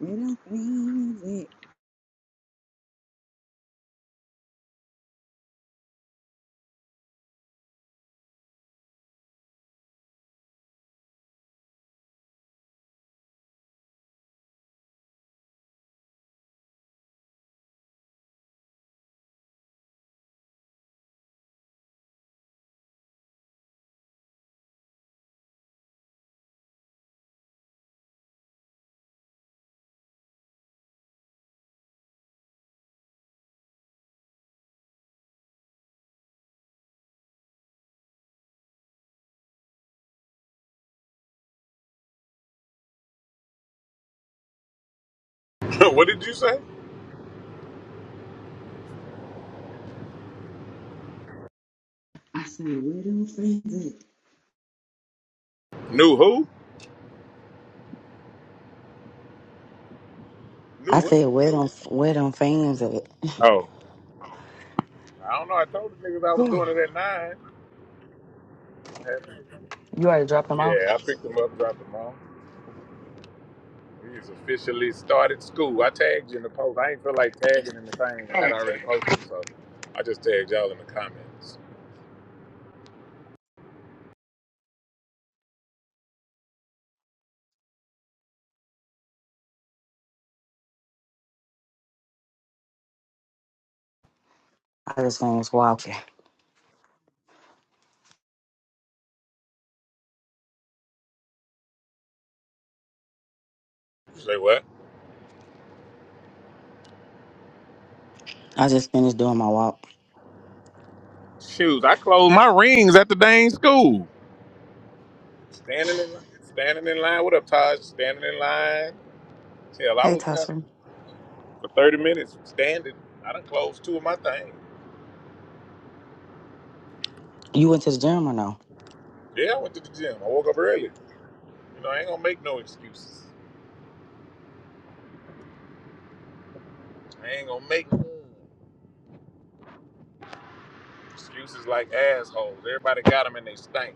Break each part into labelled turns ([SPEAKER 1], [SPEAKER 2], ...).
[SPEAKER 1] Wet on fans it.
[SPEAKER 2] what did you say?
[SPEAKER 1] I said, wet on fans it.
[SPEAKER 2] Knew who? Knew
[SPEAKER 1] I
[SPEAKER 2] what?
[SPEAKER 1] said, Where them Where them fans at?
[SPEAKER 2] Oh, I don't know. I told the niggas I was doing it at nine. I had-
[SPEAKER 1] You already dropped them off?
[SPEAKER 2] yeah, I picked him up, dropped him off. He's officially started school. I tagged you in the post. I ain't feel like tagging in the thing, and I'd already posted, so I just tagged y'all in the comments.
[SPEAKER 1] I just finished walking.
[SPEAKER 2] You say what?
[SPEAKER 1] I just finished doing my walk.
[SPEAKER 2] Shoes. I closed my rings at the dang school. Standing in line. Standing in line. What up, Taj? Standing in line. Hell, I
[SPEAKER 1] Hey,
[SPEAKER 2] was there
[SPEAKER 1] Tasha.
[SPEAKER 2] for 30 minutes standing. I done closed two of my things.
[SPEAKER 1] You went to the gym or no?
[SPEAKER 2] Yeah, I went to the gym. I woke up early. You know, I ain't gonna make no excuses. I ain't gonna make excuses like assholes. Everybody got them and they stink.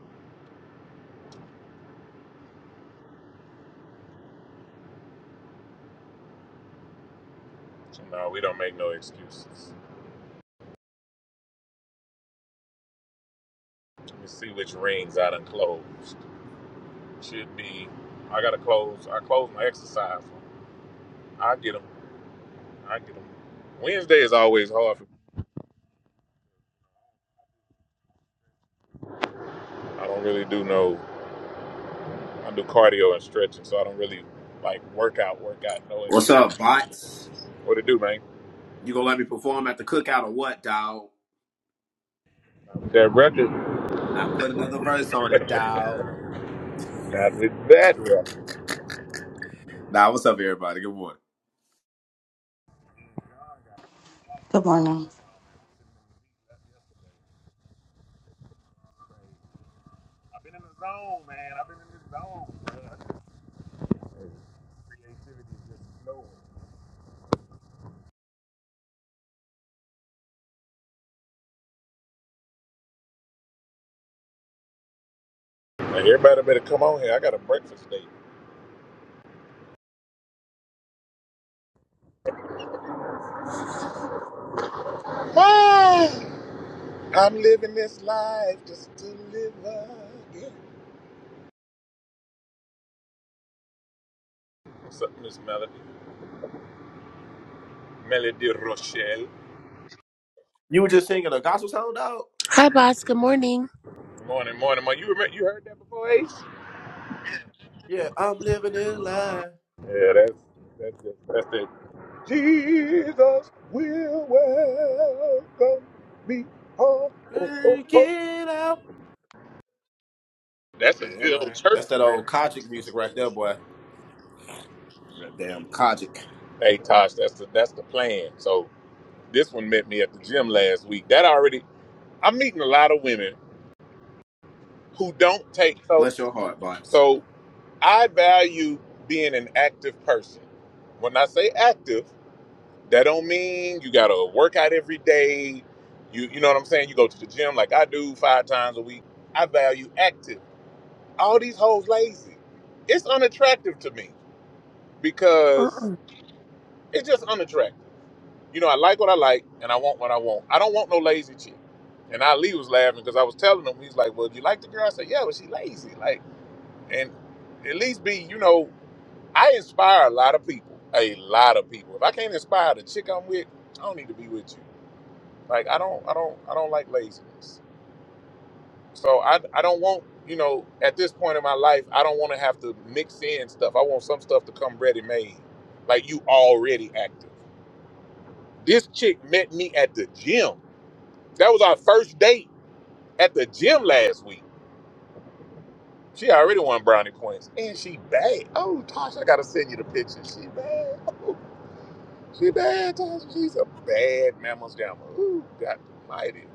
[SPEAKER 2] So no, we don't make no excuses. Let me see which rings I done closed. Should be, I gotta close. I close my exercise. I get them. I get them. Wednesday is always hard. For, me. I don't really do no. I do cardio and stretching, so I don't really like workout. Workout, no
[SPEAKER 3] What's
[SPEAKER 2] intent.
[SPEAKER 3] up, bots?
[SPEAKER 2] What to do, man?
[SPEAKER 3] You gonna let me perform at the cookout or what, Dawg?
[SPEAKER 2] That record.
[SPEAKER 3] I put another verse on it, Dawg.
[SPEAKER 2] Not with that record.
[SPEAKER 3] Nah, what's up, everybody? Good morning.
[SPEAKER 1] Good morning.
[SPEAKER 2] I have been in the zone, man. I've been in this zone, bro. Creativity is just flowing. Like, everybody better come on here. I got a breakfast date. Ah, I'm living this life just to live again. What's up, Miss Melody? Melody Rochelle.
[SPEAKER 3] You were just singing a gospel song, Dawg.
[SPEAKER 4] Hi, boss. Good morning.
[SPEAKER 2] Morning, morning, morning. You remember, you heard that before, Ace?
[SPEAKER 3] Yeah, I'm living in life.
[SPEAKER 2] Yeah, that's that's just, that's the Jesus will welcome me home. Oh, oh,
[SPEAKER 3] Work
[SPEAKER 2] oh.
[SPEAKER 3] it out.
[SPEAKER 2] That's a
[SPEAKER 3] Yeah,
[SPEAKER 2] good old
[SPEAKER 3] man.
[SPEAKER 2] church,
[SPEAKER 3] That's that old
[SPEAKER 2] man.
[SPEAKER 3] Kojic music right there, boy. That damn Kojic.
[SPEAKER 2] Hey Tosh, that's the that's the plan. So this one met me at the gym
[SPEAKER 3] Mm.
[SPEAKER 2] last week. That already I'm meeting a lot of women who don't take so
[SPEAKER 3] Bless your heart, bots.
[SPEAKER 2] so I value being an active person. When I say active, that don't mean you gotta work out every day. You you know what I'm saying? You go to the gym like I do five times a week. I value active. all these hoes lazy. It's unattractive to me
[SPEAKER 4] Uh-uh.
[SPEAKER 2] because it's just unattractive. You know, I like what I like and I want what I want. I don't want no lazy chick. And Ali was laughing because I was telling him, he's like, Well, you like the girl? I said, Yeah, but she lazy. Like, and at least be, you know, I inspire a lot of people. A lot of people. If I can't inspire the chick I'm with, I don't need to be with you. Like I don't I don't I don't like laziness. So I I don't want you know at this point in my life I don't want to have to mix in stuff. I want some stuff to come ready made, like you already active. This chick met me at the gym. That was our first date at the gym last week. She already won brownie points, and she bad. Oh, Tosh, I gotta send you the picture. She bad. Oh, she bad, Tosh. She's a bad mamma's jamma. Ooh, God mighty.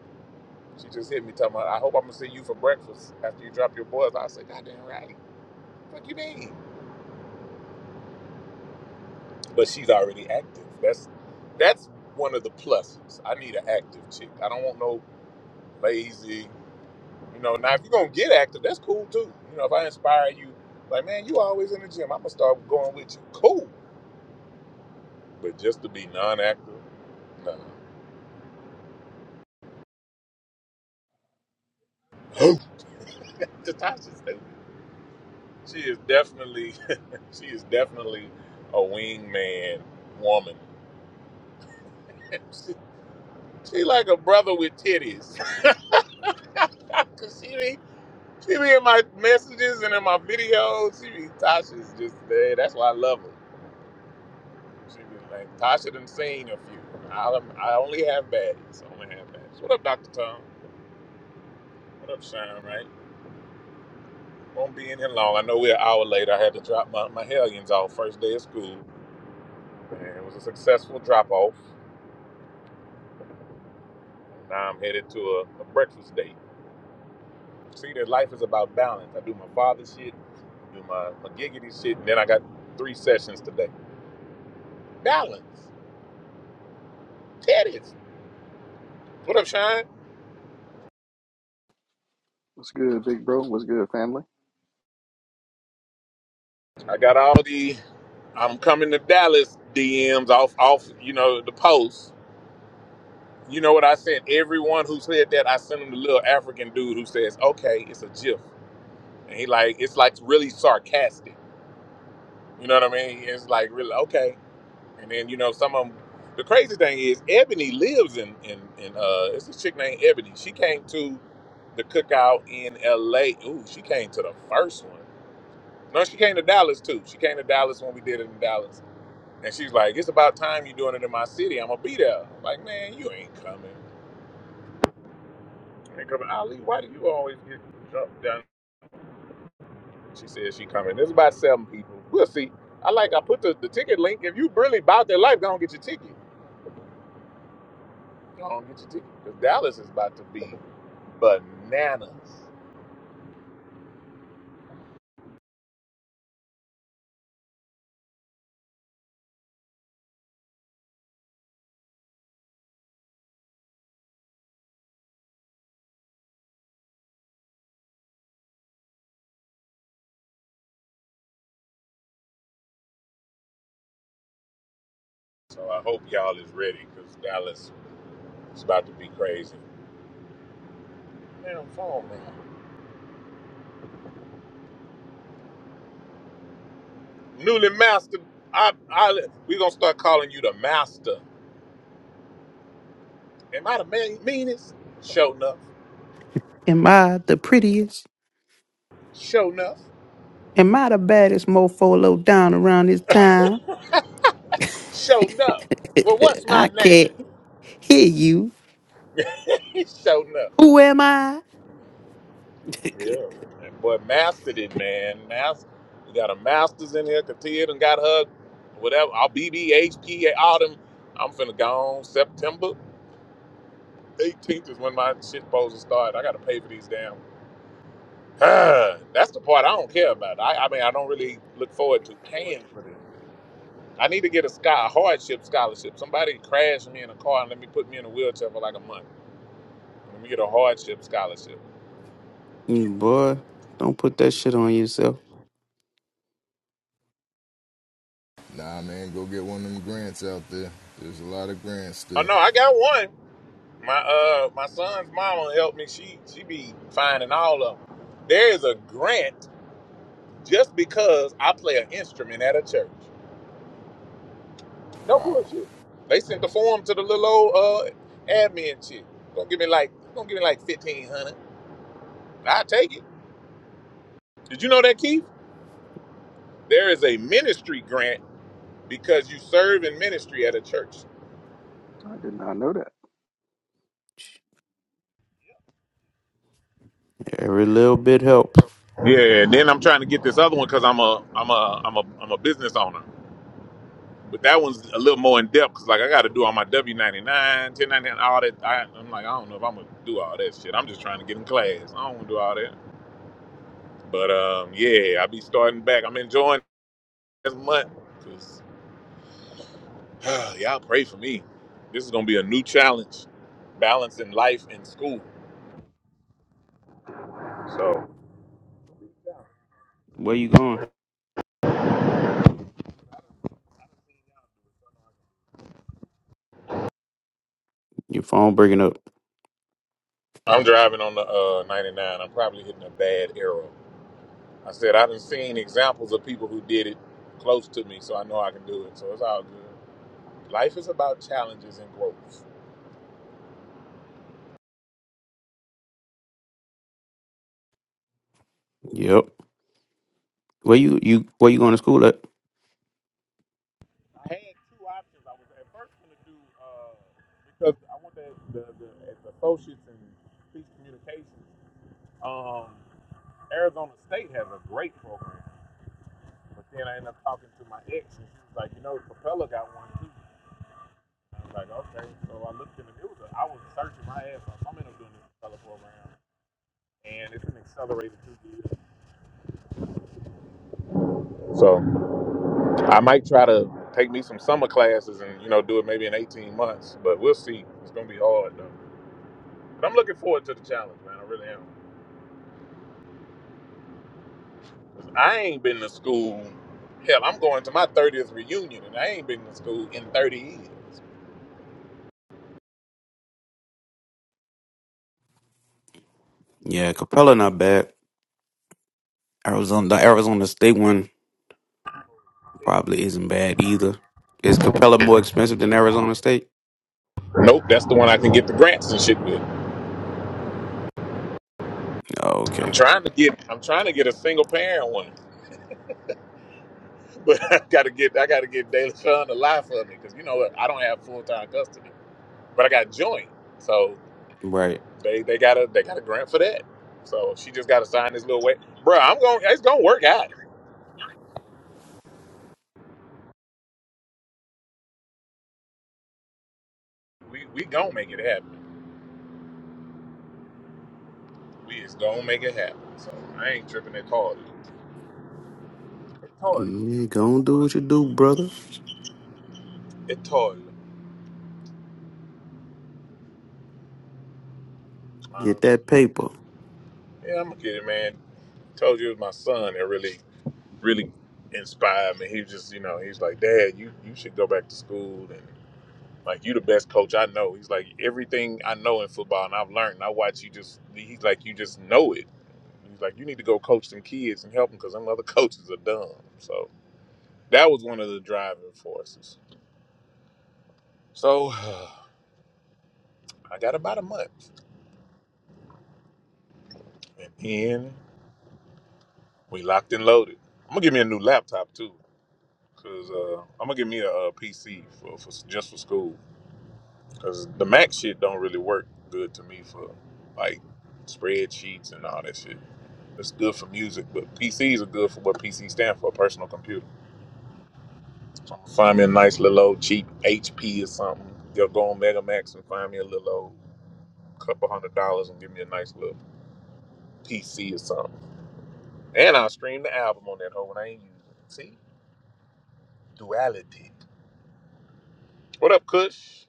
[SPEAKER 2] She just hit me talking about, I hope I'm gonna see you for breakfast after you drop your boys. I said, Goddamn right. What you mean? but she's already active. That's that's one of the pluses. I need an active chick. I don't want no lazy. You know, now if you're gonna get active, that's cool too. You know, if I inspire you, like man, you always in the gym. I'm gonna start going with you. Cool. But just to be non-active, no. Natasha's stupid. She is definitely, she is definitely a wingman woman. she, she like a brother with titties. 'Cause she done hit She be in my messages and in my videos. She be Tasha's just there. That's why I love her. She be like Tasha done seen a few. I I only have baddies. I only have baddies. What up, Doctor Tom? What up, Shine? Right? Won't be in here long. I know we're an hour late. I had to drop my, my hellions off first day of school, and it was a successful drop off. Now I'm headed to a, a breakfast date. See that life is about balance. I do my father shit, do my, my giggity shit, and then I got three sessions today. Balance. Teddy's. What up, Shine?
[SPEAKER 5] What's good, big bro? What's good, family?
[SPEAKER 2] I got all the I'm coming to Dallas DMs off off, you know, the post. You know what I sent everyone who said that, I sent him the little African dude who says, Okay, it's a GIF. And he like it's like really sarcastic. You know what I mean? It's like really okay. And then, you know, some of them the crazy thing is Ebony lives in in, in uh it's a chick named Ebony. She came to the cookout in LA. Ooh, she came to the first one. No, she came to Dallas too. She came to Dallas when we did it in Dallas And she's like, it's about time you're doing it in my city. I'm gonna be there. I'm Like, man, you ain't coming. You ain't coming. Ali, why do you always get jumped down? She said she coming. There's about seven people. We'll see. I like I put the, the ticket link. If you really about their life, go and get your ticket. Go on and get your ticket. Because Dallas is about to be bananas. So I hope y'all is ready because Dallas is about to be crazy. Man, I'm phone man. Newly mastered. I, I, we gonna start calling you the master. Am I the man, meanest? Showing up.
[SPEAKER 6] Am I the prettiest?
[SPEAKER 2] Show enough.
[SPEAKER 6] Am I the baddest mofo low down around this town?
[SPEAKER 2] Show enough. Well, what's
[SPEAKER 6] I
[SPEAKER 2] my name?
[SPEAKER 6] can't hear you.
[SPEAKER 2] Show enough.
[SPEAKER 6] Who am I?
[SPEAKER 2] Yeah. And boy, mastered it, man. Master. You got a Masters in here. Katia done got her, whatever. I'll BB, autumn. I'm finna go on. September 18th is when my shit supposed to start. I gotta pay for these damn. Ah, That's the part I don't care about. I, I mean, I don't really look forward to paying for this. I need to get a, sky, a hardship scholarship. Somebody crashed me in a car and let me put me in a wheelchair for like a month. Let me get a hardship scholarship.
[SPEAKER 6] Mm, Boy, don't put that shit on yourself.
[SPEAKER 7] Nah, man, go get one of them grants out there. There's a lot of grants
[SPEAKER 2] Oh
[SPEAKER 7] still.
[SPEAKER 2] no, I got one. My uh my son's mama helped me. She she be finding all of them. There is a grant just because I play an instrument at a church. No
[SPEAKER 7] Wow.
[SPEAKER 2] bullshit. They sent the form to the little old uh admin chick. Gonna give me like gonna give me like fifteen hundred. I take it. Did you know that Keith? There is a ministry grant because you serve in ministry at a church.
[SPEAKER 5] I did not know that.
[SPEAKER 6] Every little bit helps.
[SPEAKER 2] Yeah, and then I'm trying to get this other one because I'm a I'm a I'm a I'm a business owner. But that one's a little more in depth because, like, I got to do all my W 99, 1099, all that. I, I'm like, I don't know if I'm going to do all that shit. I'm just trying to get in class. I don't want to do all that. But um, yeah, i be starting back. I'm enjoying this month because y'all pray for me. This is going to be a new challenge balancing life and school. So
[SPEAKER 6] Where you going? Your phone breaking up.
[SPEAKER 2] I'm driving on the uh, 99. I'm probably hitting a bad arrow. I said, I done seen examples of people who did it close to me, so I know I can do it. So it's all good. Life is about challenges and growth.
[SPEAKER 6] Yep. Where you you where you going to school at?
[SPEAKER 2] I had two options. I was at first going to do uh, because I went to the, the, as associates in speech communications. Um, Arizona State has a great program, but then I ended up talking to my ex, and she was like, "You know, Propeller got one too." I was like, "Okay." So I looked in the news. I was searching my ass off. I'm end up doing this Propeller program, and it's an accelerated two years. So I might try to take me some summer classes and you know do it maybe in 18 months, but we'll see. It's gonna be hard though. But I'm looking forward to the challenge, man. I really am. I ain't been to school. Hell, I'm going to my 30th reunion, and I ain't been to school in 30 years.
[SPEAKER 6] Yeah, Capella not bad. Arizona the Arizona State one probably isn't bad either. Is Capella more expensive than Arizona State?
[SPEAKER 2] Nope, that's the one I can get the grants and shit with.
[SPEAKER 6] Oh,
[SPEAKER 2] I'm
[SPEAKER 6] okay.
[SPEAKER 2] trying to get, I'm trying to get a single parent one, but I gotta get, I gotta get Daily Sun to lie for me because you know what, I don't have full time custody, but I got joint, so
[SPEAKER 6] Right.
[SPEAKER 2] they they got a they got a grant for that. So she just got to sign this little way, bro. I'm going, it's gonna work out. We we gonna make it happen. We is gonna make it happen. So I ain't tripping at all. At all.
[SPEAKER 6] Mm, Go and do what you do, brother.
[SPEAKER 2] At all. Um,
[SPEAKER 6] Get that paper.
[SPEAKER 2] yeah, I'm gonna get it, man. Told you it was my son that really, really inspired me. He was just, you know, he's like, Dad, you you should go back to school and like you the best coach I know. He's like everything I know in football and I've learned. And I watch you just. He's like you just know it. He's like you need to go coach some kids and help them because them other coaches are dumb. So that was one of the driving forces. So I got about a month and then. We locked and loaded. I'm gonna give me a new laptop too, cause uh, I'm gonna give me a, uh PC for, for just for school, cause the Mac shit don't really work good to me for like spreadsheets and all that shit. It's good for music, but PCs are good for what PC stand for, personal computer. So I'm gonna find me a nice little old cheap HP or something. They'll go on Megamax and find me a little old couple hundred dollars and give me a nice little PC or something. And I'll stream the album on that hoe when I ain't using it. See? Duality. What up, Kush?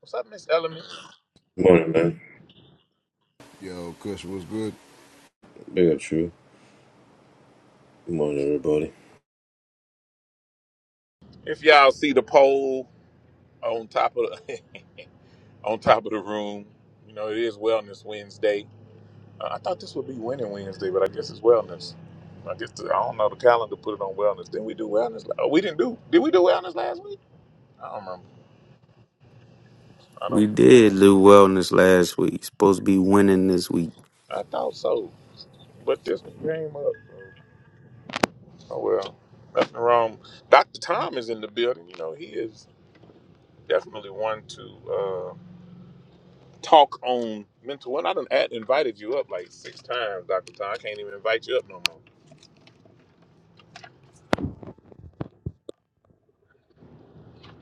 [SPEAKER 2] What's up, Miss Element?
[SPEAKER 8] Good Morning, man.
[SPEAKER 7] Yo, Kush was good.
[SPEAKER 8] Big up, true. Good morning, everybody.
[SPEAKER 2] If y'all see the poll on top of the, on top of the room, you know it is Wellness Wednesday. Uh, I thought this would be Winning Wednesday, but I guess it's Wellness. I just I don't know the calendar put it on Wellness. Then we do Wellness? la- Oh, we didn't do. Did we do Wellness last week? I don't remember. I don't.
[SPEAKER 6] We did Lou wellness last week. Supposed to be winning this week.
[SPEAKER 2] I thought so, but this one came up. Oh well, nothing wrong. Dr. Tom is in the building. You know he is definitely one to. Uh, talk on mental well, I done at, invited you up like six times, Dr. Tom. I can't even invite you up no more.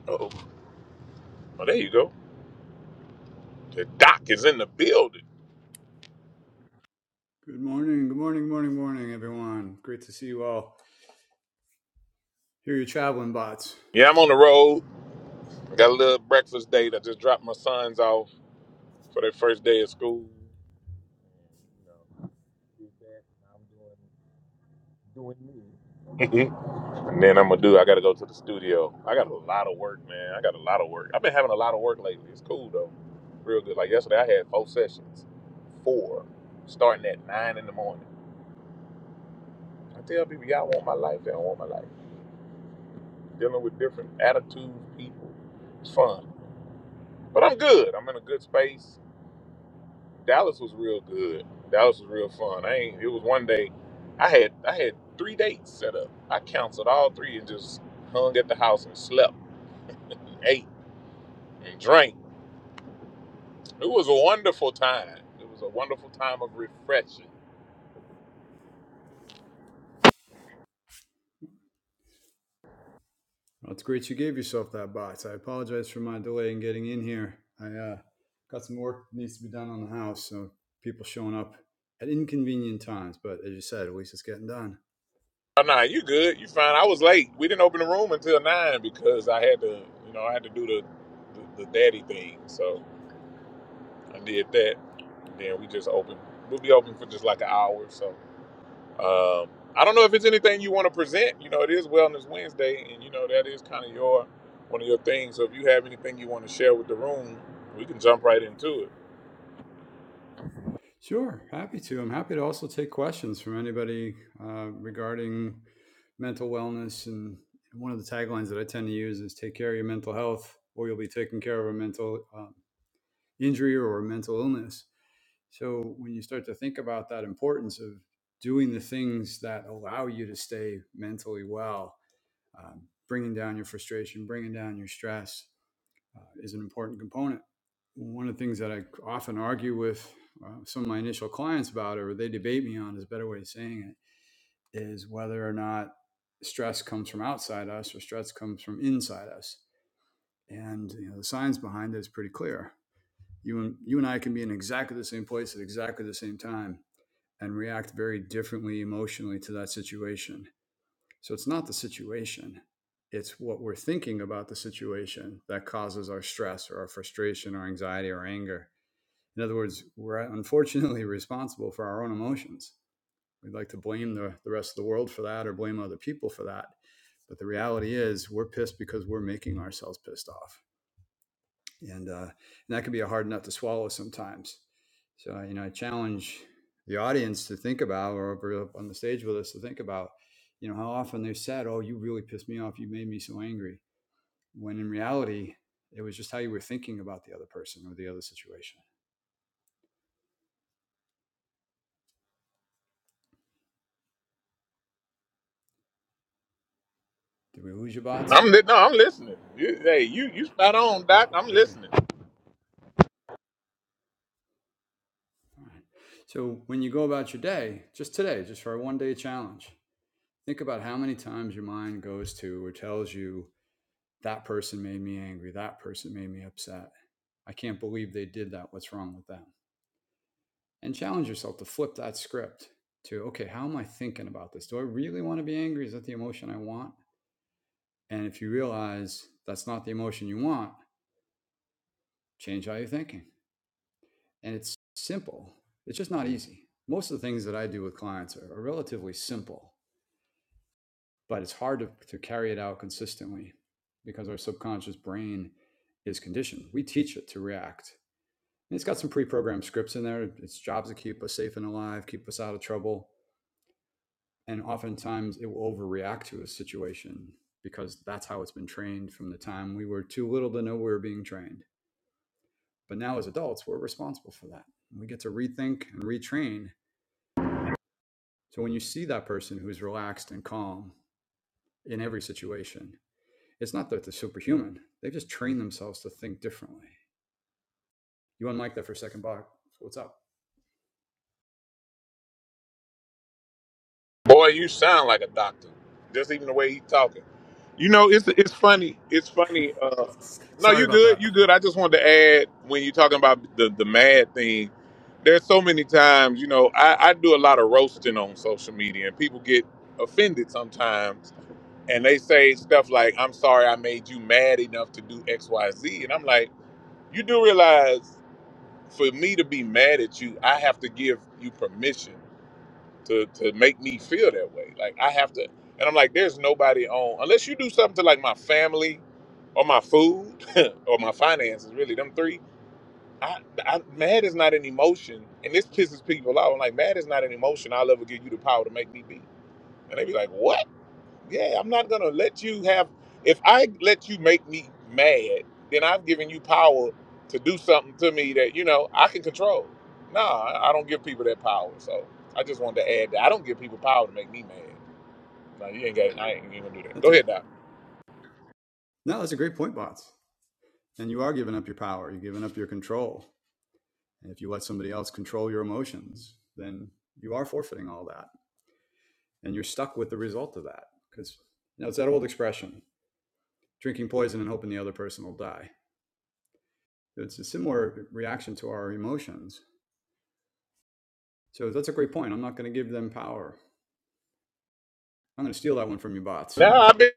[SPEAKER 2] Oh, oh, there you go. The doc is in the building.
[SPEAKER 9] Good morning, good morning, morning, morning, everyone. Great to see you all. Here are your traveling bots.
[SPEAKER 2] Yeah, I'm on the road. I got a little breakfast date. I just dropped my sons off for their first day of school. You know, did that, and I'm doing doing me. And then I'm gonna do. I gotta go to the studio. I got a lot of work, man. I got a lot of work. I've been having a lot of work lately. It's cool though, real good. Like yesterday, I had four sessions, four, starting at nine in the morning. I tell people, y'all want my life. They don't want my life. Dealing with different attitudes, people. It's fun, but I'm good. I'm in a good space. Dallas was real good. Dallas was real fun. I ain't. It was one day. I had I had three dates set up. I canceled all three and just hung at the house and slept, and ate, and drank. It was a wonderful time. It was a wonderful time of refreshing.
[SPEAKER 9] Well, it's great you gave yourself that bots. I apologize for my delay in getting in here. I uh, got some work that needs to be done on the house, so people showing up at inconvenient times. But as you said, at least it's getting done.
[SPEAKER 2] Oh, nah, you good? You fine? I was late. We didn't open the room until nine because I had to, you know, I had to do the the, the daddy thing. So I did that. Then we just opened. We'll be open for just like an hour or so. Um, I don't know if it's anything you want to present. You know, it is Wellness Wednesday, and you know that is kind of your one of your things. So if you have anything you want to share with the room, we can jump right into it.
[SPEAKER 9] Sure, happy to. I'm happy to also take questions from anybody uh, regarding mental wellness. And one of the taglines that I tend to use is "Take care of your mental health, or you'll be taking care of a mental." Um, injury or a mental illness So when you start to think about that importance of doing the things that allow you to stay mentally well, um, bringing down your frustration, bringing down your stress uh, is an important component. One of the things that I often argue with uh, some of my initial clients about, or they debate me on, is a better way of saying it, is whether or not stress comes from outside us or stress comes from inside us. And you know, the science behind it is pretty clear. You and, you and I can be in exactly the same place at exactly the same time and react very differently emotionally to that situation. So it's not the situation, it's what we're thinking about the situation that causes our stress or our frustration or anxiety or anger. In other words, we're unfortunately responsible for our own emotions. We'd like to blame the, the rest of the world for that or blame other people for that. But the reality is, we're pissed because we're making ourselves pissed off and uh, and that can be a hard nut to swallow sometimes. So you know, I challenge the audience to think about, or over up on the stage with us to think about, you know, how often they said, "Oh, you really pissed me off. You made me so angry," when in reality, it was just how you were thinking about the other person or the other situation. Did we lose your bots?
[SPEAKER 2] I'm li- no, I'm listening. You, hey, you you spot on,
[SPEAKER 9] Oh,
[SPEAKER 2] Doc. I'm
[SPEAKER 9] very good.
[SPEAKER 2] listening.
[SPEAKER 9] All right. So when you go about your day, just today, just for a one-day challenge, think about how many times your mind goes to or tells you that person made me angry, that person made me upset I can't believe they did that. What's wrong with them? And challenge yourself to flip that script to, okay, how am I thinking about this? Do I really want to be angry? Is that the emotion I want? And if you realize that's not the emotion you want, change how you're thinking. And it's simple, it's just not easy. Most of the things that I do with clients are, are relatively simple, but it's hard to, to carry it out consistently because our subconscious brain is conditioned. We teach it to react And it's got some pre-programmed scripts in there. Its job's to keep us safe and alive, keep us out of trouble. And oftentimes it will overreact to a situation because that's how it's been trained from the time we were too little to know we were being trained. But now as adults, we're responsible for that. We get to rethink and retrain. So when you see that person who's relaxed and calm in every situation, it's not that they're superhuman. They've just trained themselves to think differently. You unmic that for a second, Bach. What's up?
[SPEAKER 2] Boy, you sound like a doctor. Just even the way he talking. You know, it's it's funny. It's funny. Uh, no,
[SPEAKER 9] Sorry
[SPEAKER 2] you
[SPEAKER 9] about
[SPEAKER 2] good.
[SPEAKER 9] that.
[SPEAKER 2] You good. I just wanted to add when you're talking about the the mad thing. There's so many times, you know, I, I do a lot of roasting on social media, and people get offended sometimes, and they say stuff like, "I'm sorry, I made you mad enough to do X, Y, Z," and I'm like, you do realize, for me to be mad at you, I have to give you permission to to make me feel that way. Like I have to, and I'm like, there's nobody on unless you do something to like my family, or my food, or my finances. Really, them three. I, I mad is not an emotion, and this pisses people off. I'm like, mad is not an emotion. I'll ever give you the power to make me be. And they be like, what? Yeah, I'm not gonna let you have. If I let you make me mad, then I've given you power to do something to me that you know I can control. No, I I don't give people that power. So I just wanted to add that I don't give people power to make me mad. No, you ain't got. I ain't even gonna do that.
[SPEAKER 9] That's
[SPEAKER 2] Go
[SPEAKER 9] a
[SPEAKER 2] ahead, Doc.
[SPEAKER 9] no, that's a great point, Bots. And you are giving up your power, you're giving up your control. And if you let somebody else control your emotions, then you are forfeiting all that. And you're stuck with the result of that. Because you know, it's that old expression drinking poison and hoping the other person will die. It's a similar reaction to our emotions. So that's a great point. I'm not going to give them power. I'm going to steal that one from you bots.
[SPEAKER 2] No, I've been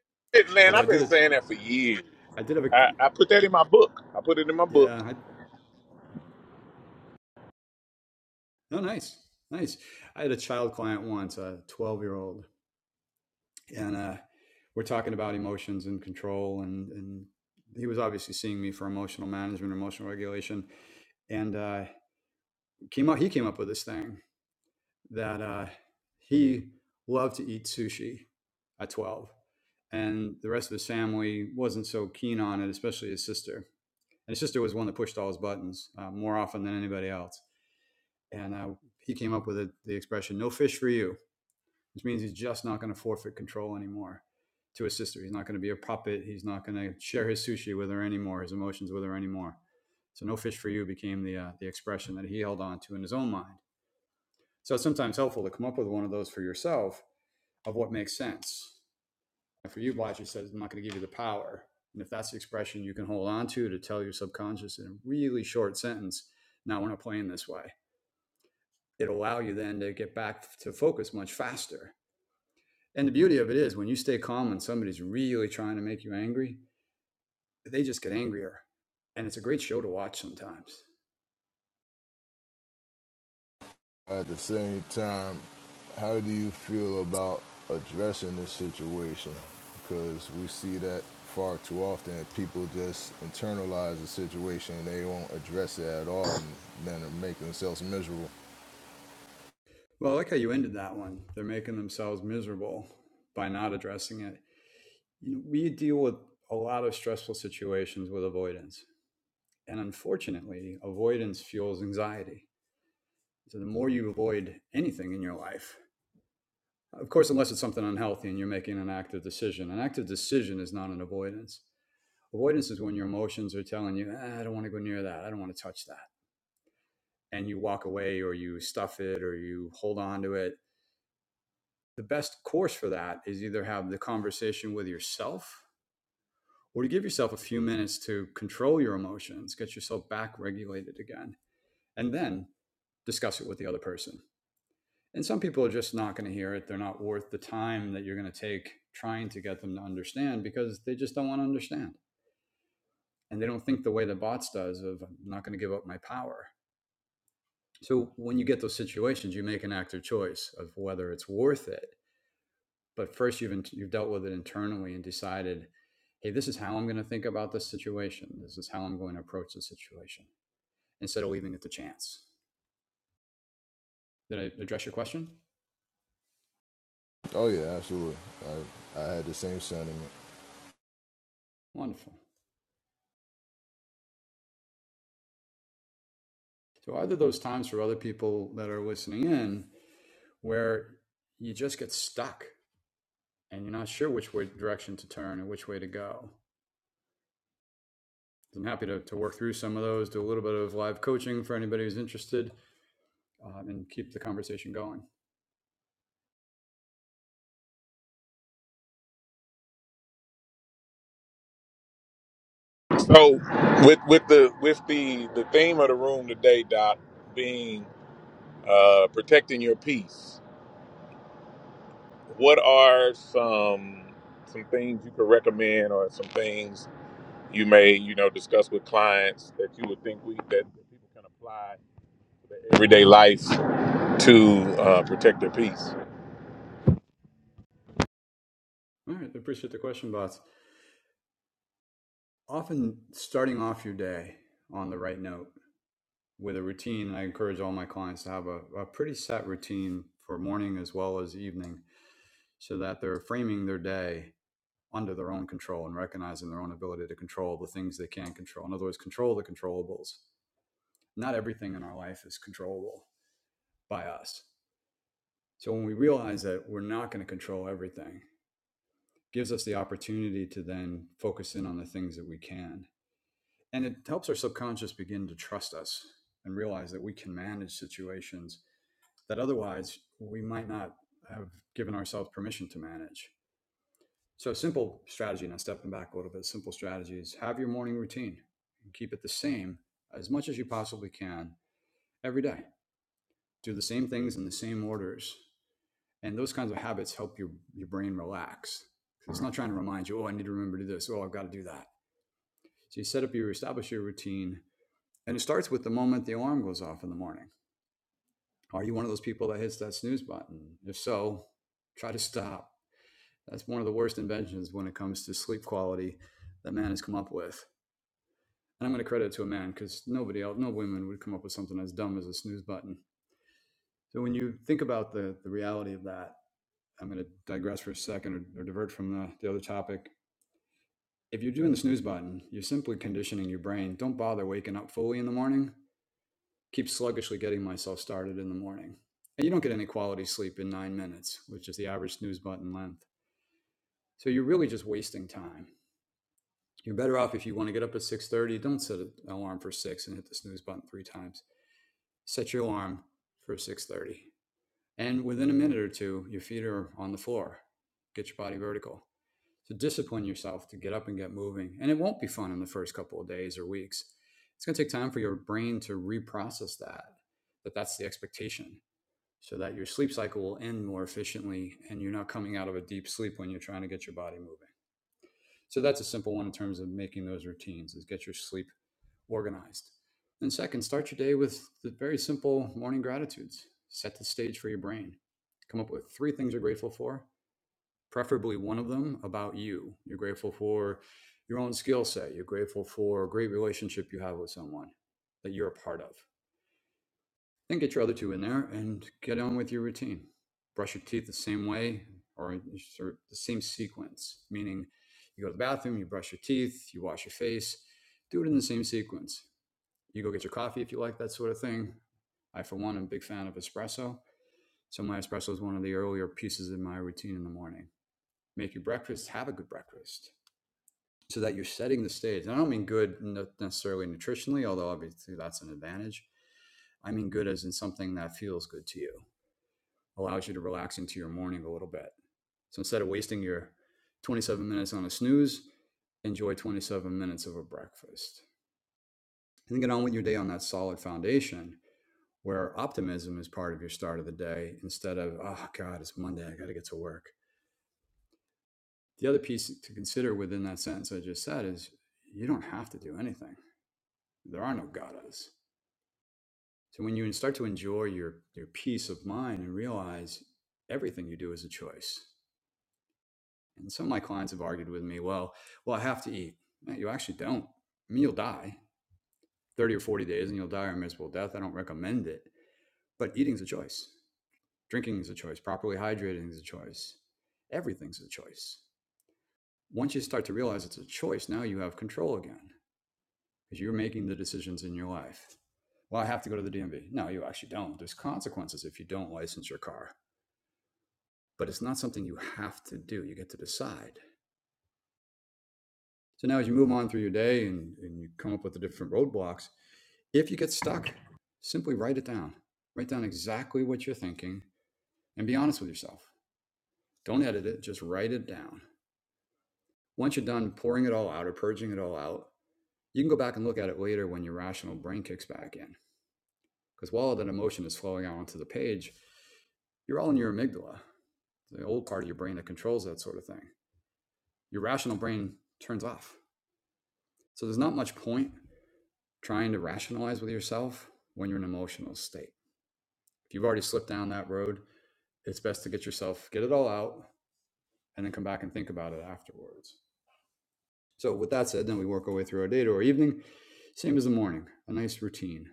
[SPEAKER 2] man.
[SPEAKER 9] Although I
[SPEAKER 2] I've been
[SPEAKER 9] did it,
[SPEAKER 2] saying that for years.
[SPEAKER 9] I did have a,
[SPEAKER 2] I, I put that in my book. I put it in my book.
[SPEAKER 9] yeah, I, oh, nice, nice. I had a child client once, a 12 year old, and uh, we're talking about emotions and control and and he was obviously seeing me for emotional management emotional regulation and uh, came up he came up with this thing that uh, he loved to eat sushi at 12 and the rest of his family wasn't so keen on it especially his sister and his sister was one that pushed all his buttons uh, more often than anybody else and uh, he came up with the the expression no fish for you which means he's just not going to forfeit control anymore to his sister. He's not going to be a puppet. He's not going to share his sushi with her anymore, his emotions with her anymore. So no fish for you became the uh, the expression that he held on to in his own mind. So it's sometimes helpful to come up with one of those for yourself of what makes sense. And for you, Blatcher says, "I'm not going to give you the power." And if that's the expression you can hold on to to tell your subconscious in a really short sentence, "Now we're not playing this way," it'll allow you then to get back to focus much faster And the beauty of it is when you stay calm and somebody's really trying to make you angry, they just get angrier. And it's a great show to watch sometimes.
[SPEAKER 7] At the same time, how do you feel about addressing this situation? Because we see that far too often. People just internalize the situation and they won't address it at all and then make themselves miserable.
[SPEAKER 9] Well, I like how you ended that one. They're making themselves miserable by not addressing it. You know, we deal with a lot of stressful situations with avoidance. And unfortunately, avoidance fuels anxiety. So the more you avoid anything in your life, of course, unless it's something unhealthy and you're making an active decision, an active decision is not an avoidance. Avoidance is when your emotions are telling you, "Ah, I don't want to go near that. I don't want to touch that. And you walk away or you stuff it or you hold on to it. The best course for that is either have the conversation with yourself or to give yourself a few minutes to control your emotions, get yourself back regulated again, and then discuss it with the other person. And some people are just not going to hear it. They're not worth the time that you're going to take trying to get them to understand because they just don't want to understand. And they don't think the way the bots does of I'm not going to give up my power. So when you get those situations, you make an active choice of whether it's worth it. But first, you've in, you've dealt with it internally and decided, hey, this is how I'm going to think about this situation. This is how I'm going to approach the situation instead of leaving it to chance. Did I address your question?
[SPEAKER 7] Oh, yeah, absolutely. I, I had the same sentiment.
[SPEAKER 9] Wonderful. So are there those times for other people that are listening in where you just get stuck and you're not sure which way direction to turn or which way to go? I'm happy to, to work through some of those, do a little bit of live coaching for anybody who's interested um, and keep the conversation going.
[SPEAKER 2] So with with the with the the theme of the room today, Doc, being uh, protecting your peace What are some some things you could recommend, or some things you may you know discuss with clients that you would think we that people can apply to their everyday life to uh, protect their peace?
[SPEAKER 9] All right, I appreciate the question, bots. Often starting off your day on the right note with a routine, I encourage all my clients to have a, a pretty set routine for morning as well as evening so that they're framing their day under their own control and recognizing their own ability to control the things they can control. In other words, control the controllables. Not everything in our life is controllable by us. So when we realize that we're not going to control everything, gives us the opportunity to then focus in on the things that we can. And it helps our subconscious begin to trust us and realize that we can manage situations that otherwise we might not have given ourselves permission to manage. So, a simple strategy, now stepping back a little bit, simple strategy is have your morning routine and keep it the same as much as you possibly can every day. Do the same things in the same orders. And those kinds of habits help your, your brain relax because It's not trying to remind you, oh, I need to remember to do this. Oh, I've got to do that. So you set up your establish your routine, and it starts with the moment the alarm goes off in the morning. Are you one of those people that hits that snooze button? If so, try to stop. That's one of the worst inventions when it comes to sleep quality that man has come up with. And I'm going to credit it to a man because nobody else, no women would come up with something as dumb as a snooze button. So when you think about the, the reality of that, I'm going to digress for a second or, or divert from the, the other topic. If you're doing the snooze button, you're simply conditioning your brain. Don't bother waking up fully in the morning keep sluggishly getting myself started in the morning. And you don't get any quality sleep in nine minutes, which is the average snooze button length. So you're really just wasting time. You're better off if you want to get up at 6:30, don't set an alarm for 6 and hit the snooze button 3 times. Set your alarm for 6:30. And within a minute or two, your feet are on the floor. Get your body vertical. So discipline yourself to get up and get moving. And it won't be fun in the first couple of days or weeks. It's going to take time for your brain to reprocess that that that's the expectation so that your sleep cycle will end more efficiently and you're not coming out of a deep sleep when you're trying to get your body moving. So that's a simple one in terms of making those routines is get your sleep organized. And second, start your day with the very simple morning gratitudes. Set the stage for your brain. Come up with three things you're grateful for, preferably one of them about you. You're grateful for your own skill set. You're grateful for a great relationship you have with someone that you're a part of. Then get your other two in there and get on with your routine. Brush your teeth the same way or sort of the same sequence, meaning you go to the bathroom, you brush your teeth, you wash your face, do it in the same sequence. You go get your coffee if you like that sort of thing. I, for one, am a big fan of espresso. So my espresso is one of the earlier pieces in my routine in the morning. Make your breakfast, have a good breakfast so that you're setting the stage. And I don't mean good necessarily nutritionally, although obviously that's an advantage. I mean good as in something that feels good to you allows you to relax into your morning a little bit. So instead of wasting your 27 minutes on a snooze, enjoy 27 minutes of a breakfast. And get on with your day on that solid foundation where optimism is part of your start of the day instead of, oh God, it's Monday, I got to get to work. The other piece to consider within that sentence I just said is you don't have to do anything. There are no gatas. So when you start to enjoy your, your peace of mind and realize everything you do is a choice, And some of my clients have argued with me, well, well, I have to eat. No, you actually don't. I mean, you'll die 30 or 40 days and you'll die a miserable death. I don't recommend it. But eating's a choice. Drinking is a choice. Properly hydrating is a choice. Everything's a choice. Once you start to realize it's a choice, now you have control again because you're making the decisions in your life. Well, I have to go to the DMV. No, you actually don't. There's consequences if you don't license your car, but it's not something you have to do. You get to decide. So now, as you move on through your day and, and you come up with the different roadblocks, if you get stuck, simply write it down. Write down exactly what you're thinking and be honest with yourself. Don't edit it, just write it down. Once you're done pouring it all out or purging it all out, you can go back and look at it later when your rational brain kicks back in. Because while that emotion is flowing out onto the page, you're all in your amygdala, the old part of your brain that controls that sort of thing. Your rational brain turns off. So there's not much point trying to rationalize with yourself when you're in an emotional state. If you've already slipped down that road, it's best to get yourself, get it all out, and then come back and think about it afterwards. So, with that said, then we work our way through our day to our evening. Same as the morning, a nice routine.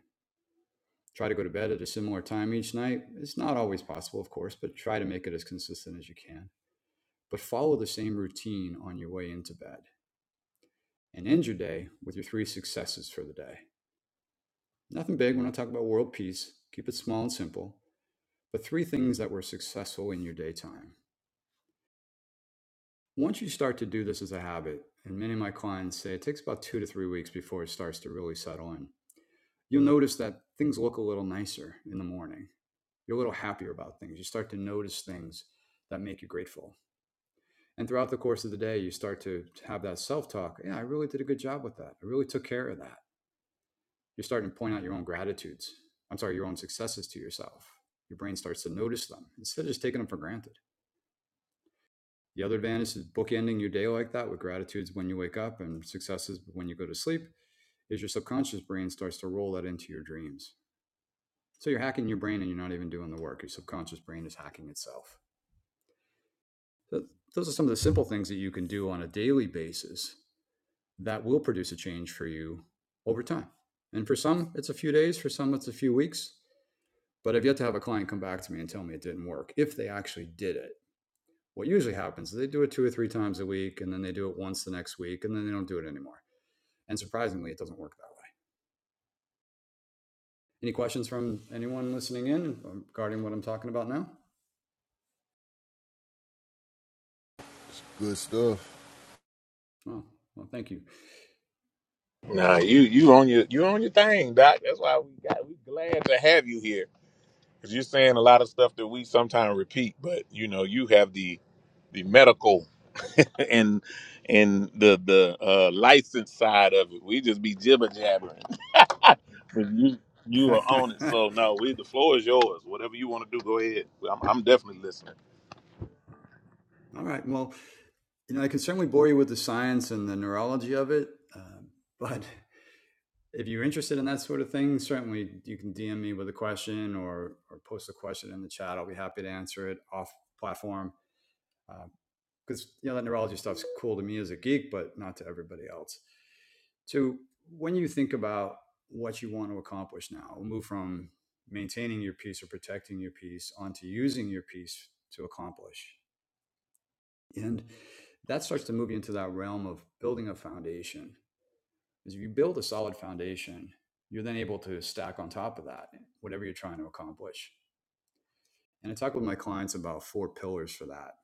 [SPEAKER 9] Try to go to bed at a similar time each night. It's not always possible, of course, but try to make it as consistent as you can. But follow the same routine on your way into bed and end your day with your three successes for the day. Nothing big. We're not talking about world peace. Keep it small and simple. but three things that were successful in your daytime. Once you start to do this as a habit, and many of my clients say it takes about two to three weeks before it starts to really settle in, you'll notice that things look a little nicer in the morning. You're a little happier about things. You start to notice things that make you grateful. And throughout the course of the day, you start to have that self talk. Yeah, I really did a good job with that. I really took care of that. You're starting to point out your own gratitudes. I'm sorry, your own successes to yourself. Your brain starts to notice them instead of just taking them for granted. The other advantage is bookending your day like that with gratitudes when you wake up and successes when you go to sleep is your subconscious brain starts to roll that into your dreams. So you're hacking your brain and you're not even doing the work. Your subconscious brain is hacking itself. So those are some of the simple things that you can do on a daily basis that will produce a change for you over time. And for some, it's a few days, for some, it's a few weeks. But I've yet to have a client come back to me and tell me it didn't work if they actually did it. What usually happens is they do it two or three times a week, and then they do it once the next week, and then they don't do it anymore. And surprisingly, it doesn't work that way. Any questions from anyone listening in regarding what I'm talking about now?
[SPEAKER 7] Good stuff.
[SPEAKER 9] Oh, well, thank you.
[SPEAKER 2] Nah, you you on your you on your thing, Doc. That's why we got we glad to have you here because you're saying a lot of stuff that we sometimes repeat, but you know you have the the medical and and the the uh, license side of it. We just be jibber jabbering. But you you
[SPEAKER 9] All
[SPEAKER 2] are on it. So no, we the floor is yours. Whatever you want to do, go ahead. I'm, I'm definitely listening.
[SPEAKER 9] right. Well, you know, I can certainly bore you with the science and the neurology of it, uh, but if you're interested in that sort of thing, certainly you can DM me with a question or or post a question in the chat. I'll be happy to answer it off platform Uh, because uh, you know that neurology stuff's cool to me as a geek, but not to everybody else. So when you think about what you want to accomplish now, we'll move from maintaining your peace or protecting your peace onto using your peace to accomplish. And that starts to move you into that realm of building a foundation. Because if you build a solid foundation, you're then able to stack on top of that whatever you're trying to accomplish. And I talk with my clients about four pillars for that.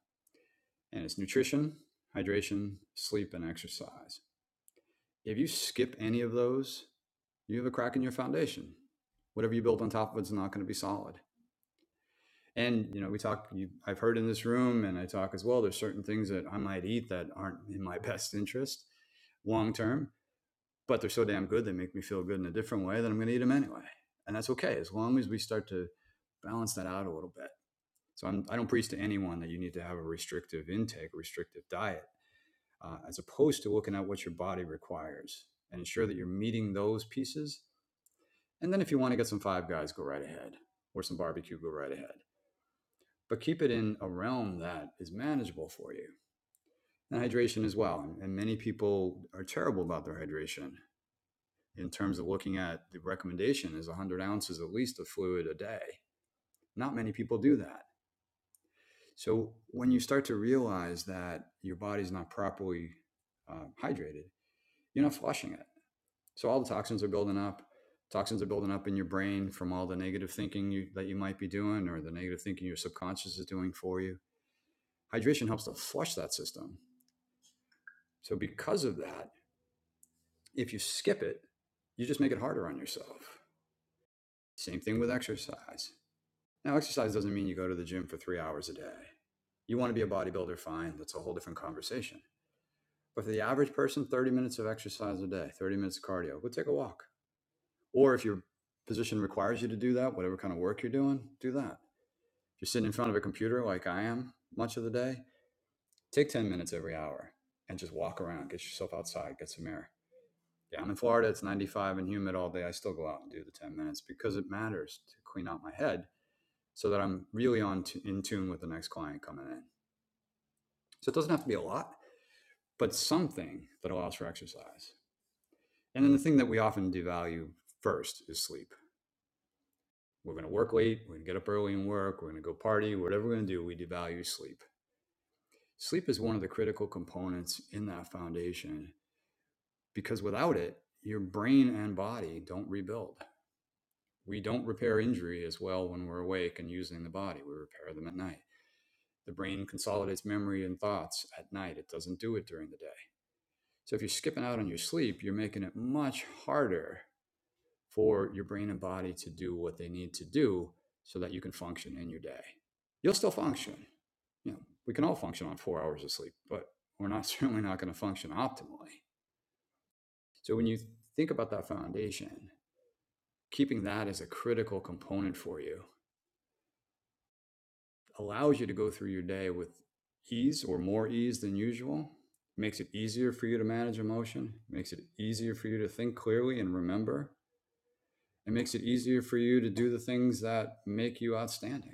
[SPEAKER 9] And it's nutrition, hydration, sleep, and exercise. If you skip any of those, you have a crack in your foundation. Whatever you build on top of it's not going to be solid. And you know, we talk. You, I've heard in this room, and I talk as well. There's certain things that I might eat that aren't in my best interest long term, but they're so damn good they make me feel good in a different way that I'm going to eat them anyway, and that's okay as long as we start to balance that out a little bit. So I'm, I don't preach to anyone that you need to have a restrictive intake, restrictive diet uh, as opposed to looking at what your body requires and ensure that you're meeting those pieces. And then if you want to get some five guys, go right ahead, or some barbecue, go right ahead. But keep it in a realm that is manageable for you. And hydration as well. And many people are terrible about their hydration in terms of looking at the recommendation is 100 ounces at least of fluid a day. Not many people do that. So when you start to realize that your body's not properly uh, hydrated, you're not flushing it. So all the toxins are building up. Toxins are building up in your brain from all the negative thinking you, that you might be doing or the negative thinking your subconscious is doing for you. Hydration helps to flush that system. So because of that, if you skip it, you just make it harder on yourself. Same thing with exercise. Now, exercise doesn't mean you go to the gym for three hours a day. You want to be a bodybuilder, fine. That's a whole different conversation. But for the average person, 30 minutes of exercise a day, 30 minutes of cardio, go take a walk. Or if your position requires you to do that, whatever kind of work you're doing, do that. If you're sitting in front of a computer like I am much of the day, take 10 minutes every hour and just walk around, get yourself outside, get some air. Yeah, I'm in Florida, it's 95 and humid all day. I still go out and do the 10 minutes because it matters to clean out my head so that I'm really on t- in tune with the next client coming in. So it doesn't have to be a lot, but something that allows for exercise. And then the thing that we often devalue first is sleep We're going to work late. We're going to get up early and work. We're going to go party. Whatever we're going to do, we devalue sleep. Sleep is one of the critical components in that foundation because without it, your brain and body don't rebuild. We don't repair injury as well when we're awake and using the body. We repair them at night. The brain consolidates memory and thoughts at night. It doesn't do it during the day. So if you're skipping out on your sleep, you're making it much harder for your brain and body to do what they need to do so that you can function in your day. You'll still function. You know, we can all function on four hours of sleep, but we're not certainly not going to function optimally. So when you think about that foundation, keeping that as a critical component for you allows you to go through your day with ease or more ease than usual. It Makes it easier for you to manage emotion, it makes it easier for you to think clearly and remember. It makes it easier for you to do the things that make you outstanding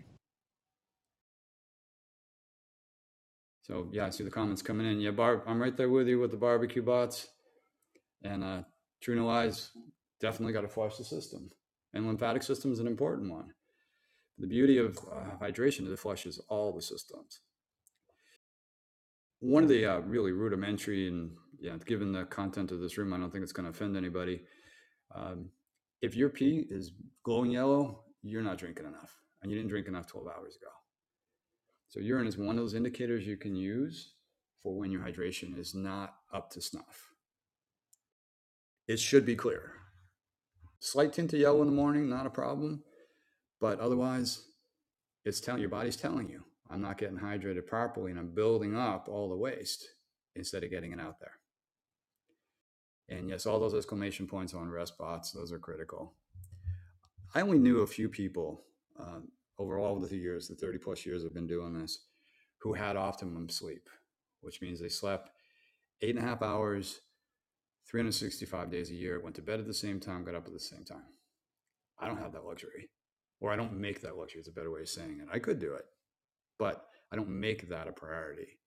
[SPEAKER 9] So yeah, I see the comments coming in. Yeah, Barb, I'm right there with you with the barbecue bots and uh, True no Lies. Definitely got to flush the system, and lymphatic system is an important one. The beauty of uh, hydration is it flushes all the systems. One of the uh, really rudimentary and yeah, given the content of this room, I don't think it's going to offend anybody. Um, if your pee is glowing yellow, you're not drinking enough, and you didn't drink enough 12 hours ago. So urine is one of those indicators you can use for when your hydration is not up to snuff it should be clear. Slight tint of yellow in the morning, not a problem. But otherwise, it's telling your body's telling you, I'm not getting hydrated properly and I'm building up all the waste instead of getting it out there. And yes, all those exclamation points on rest bots, those are critical. I only knew a few people uh, over all of the years, the 30 plus years I've been doing this, who had optimum sleep, which means they slept eight and a half hours, 365 days a year, went to bed at the same time, got up at the same time. I don't have that luxury, or I don't make that luxury. It's a better way of saying it. I could do it, but I don't make that a priority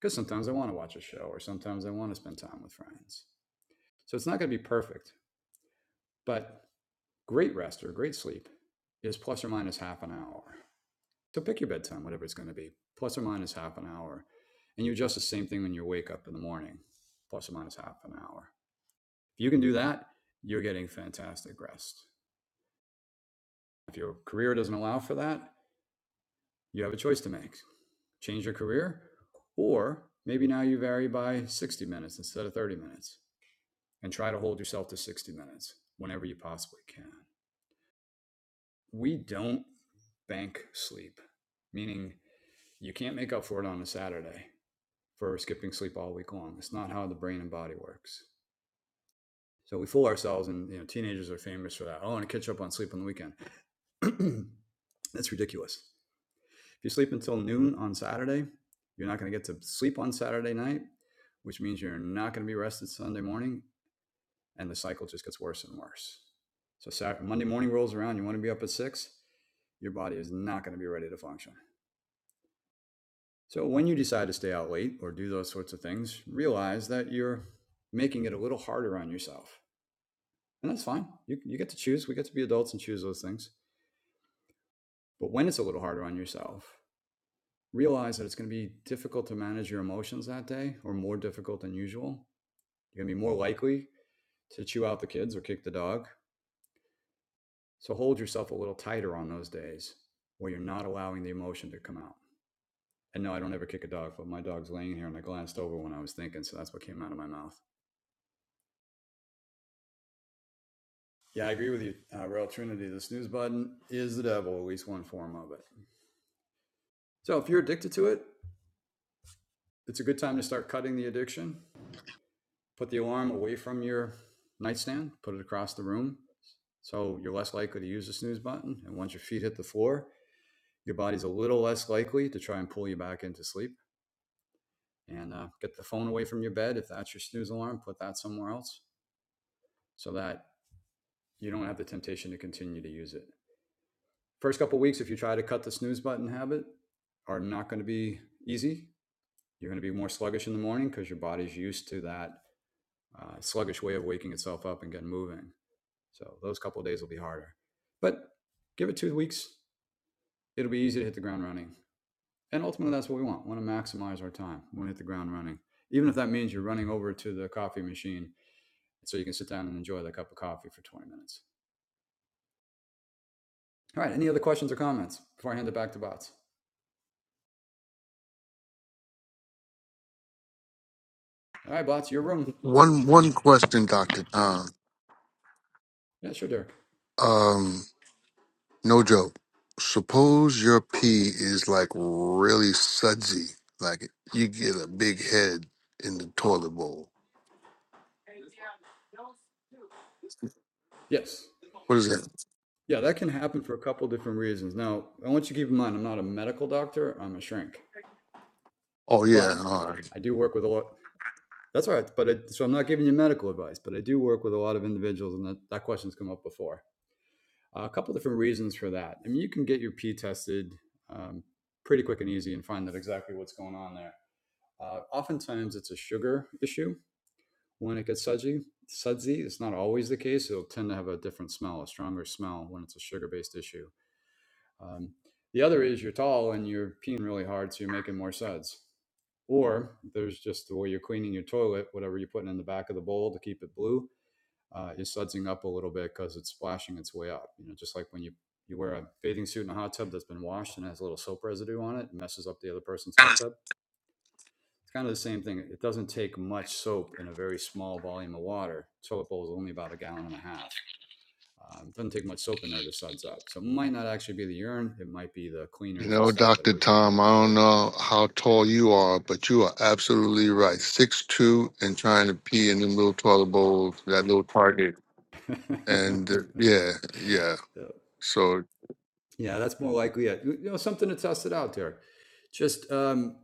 [SPEAKER 9] because sometimes I want to watch a show, or sometimes I want to spend time with friends. So it's not going to be perfect, but great rest or great sleep is plus or minus half an hour. So pick your bedtime, whatever it's going to be, plus or minus half an hour. And you adjust the same thing when you wake up in the morning, plus or minus half an hour. If you can do that, you're getting fantastic rest. If your career doesn't allow for that, You have a choice to make change your career, or maybe now you vary by 60 minutes instead of 30 minutes and try to hold yourself to 60 minutes whenever you possibly can. We don't bank sleep, meaning you can't make up for it on a Saturday for skipping sleep all week long. It's not how the brain and body works. So we fool ourselves, and you know, teenagers are famous for that. Oh, I want to catch up on sleep on the weekend. That's ridiculous. If you sleep until noon on Saturday, you're not going to get to sleep on Saturday night, which means you're not going to be rested Sunday morning, and the cycle just gets worse and worse. So Saturday, Monday morning rolls around, you want to be up at six, your body is not going to be ready to function. So when you decide to stay out late or do those sorts of things, realize that you're making it a little harder on yourself. And that's fine. You, you get to choose. We get to be adults and choose those things. But when it's a little harder on yourself, realize that it's going to be difficult to manage your emotions that day or more difficult than usual. You're going to be more likely to chew out the kids or kick the dog. So hold yourself a little tighter on those days where you're not allowing the emotion to come out. And no, I don't ever kick a dog, but my dog's laying here and I glanced over when I was thinking. So that's what came out of my mouth. Yeah, I agree with you, uh, Real Trinity. The snooze button is the devil, at least one form of it. So if you're addicted to it, it's a good time to start cutting the addiction. Put the alarm away from your nightstand, put it across the room, So you're less likely to use the snooze button. And once your feet hit the floor, your body's a little less likely to try and pull you back into sleep. And uh, get the phone away from your bed. If that's your snooze alarm, put that somewhere else so that you don't have the temptation to continue to use it. First couple of weeks, if you try to cut the snooze button habit, are not going to be easy. You're going to be more sluggish in the morning because your body's used to that uh, sluggish way of waking itself up and getting moving. So those couple of days will be harder. But give it two weeks, it'll be easy to hit the ground running. And ultimately, that's what we want. We want to maximize our time. We want to hit the ground running, even if that means you're running over to the coffee machine so you can sit down and enjoy the cup of coffee for 20 minutes. All right. Any other questions or comments before I hand it back to Bots? All right, Bots, your room, my
[SPEAKER 10] One one
[SPEAKER 9] friend.
[SPEAKER 10] question, Doctor Tom.
[SPEAKER 9] Yeah, sure, Derek.
[SPEAKER 10] Um, no joke. Suppose your pee is like really sudsy, like you get a big head in the toilet bowl.
[SPEAKER 9] Yes.
[SPEAKER 10] What is that?
[SPEAKER 9] Yeah, that can happen for a couple different reasons. Now, I want you to keep in mind, I'm not a medical doctor. I'm a shrink,
[SPEAKER 10] Oh yeah,
[SPEAKER 9] but
[SPEAKER 10] all
[SPEAKER 9] I do work with a lot. That's all right. But I, so I'm not giving you medical advice, but I do work with a lot of individuals, and that, that question's come up before a couple different reasons for that. I mean, you can get your pee tested um, pretty quick and easy and find out exactly what's going on there. Uh, oftentimes, it's a sugar issue when it gets sudsy. Sudsy, it's not always the case. It'll tend to have a different smell, a stronger smell when it's a sugar based issue. Um, the other is you're tall and you're peeing really hard, so you're making more suds. Or there's just the way you're cleaning your toilet, whatever you're putting in the back of the bowl to keep it blue uh, is sudsing up a little bit because it's splashing its way up. You know, just like when you you wear a bathing suit in a hot tub that's been washed and has a little soap residue on it, and messes up the other person's hot
[SPEAKER 10] right.
[SPEAKER 9] tub. It's kind of the same thing. It doesn't take much soap in a very small volume of water. Toilet bowl is only about a gallon and a half. Um, it doesn't take much soap in there to suds up. So it might not actually be the urine. It might be the
[SPEAKER 10] You
[SPEAKER 9] cleaners and
[SPEAKER 10] know,
[SPEAKER 9] stuff that are
[SPEAKER 10] Doctor
[SPEAKER 9] residual
[SPEAKER 10] Tom,
[SPEAKER 9] in
[SPEAKER 10] I
[SPEAKER 9] the
[SPEAKER 10] don't
[SPEAKER 9] bowl.
[SPEAKER 10] know how tall you are, but you are absolutely right. Six two and trying to pee in them little toilet bowls, that little target, and uh, yeah, yeah.
[SPEAKER 9] So,
[SPEAKER 10] So
[SPEAKER 9] yeah, that's more likely it. You know, something to test it out, there. Just, um,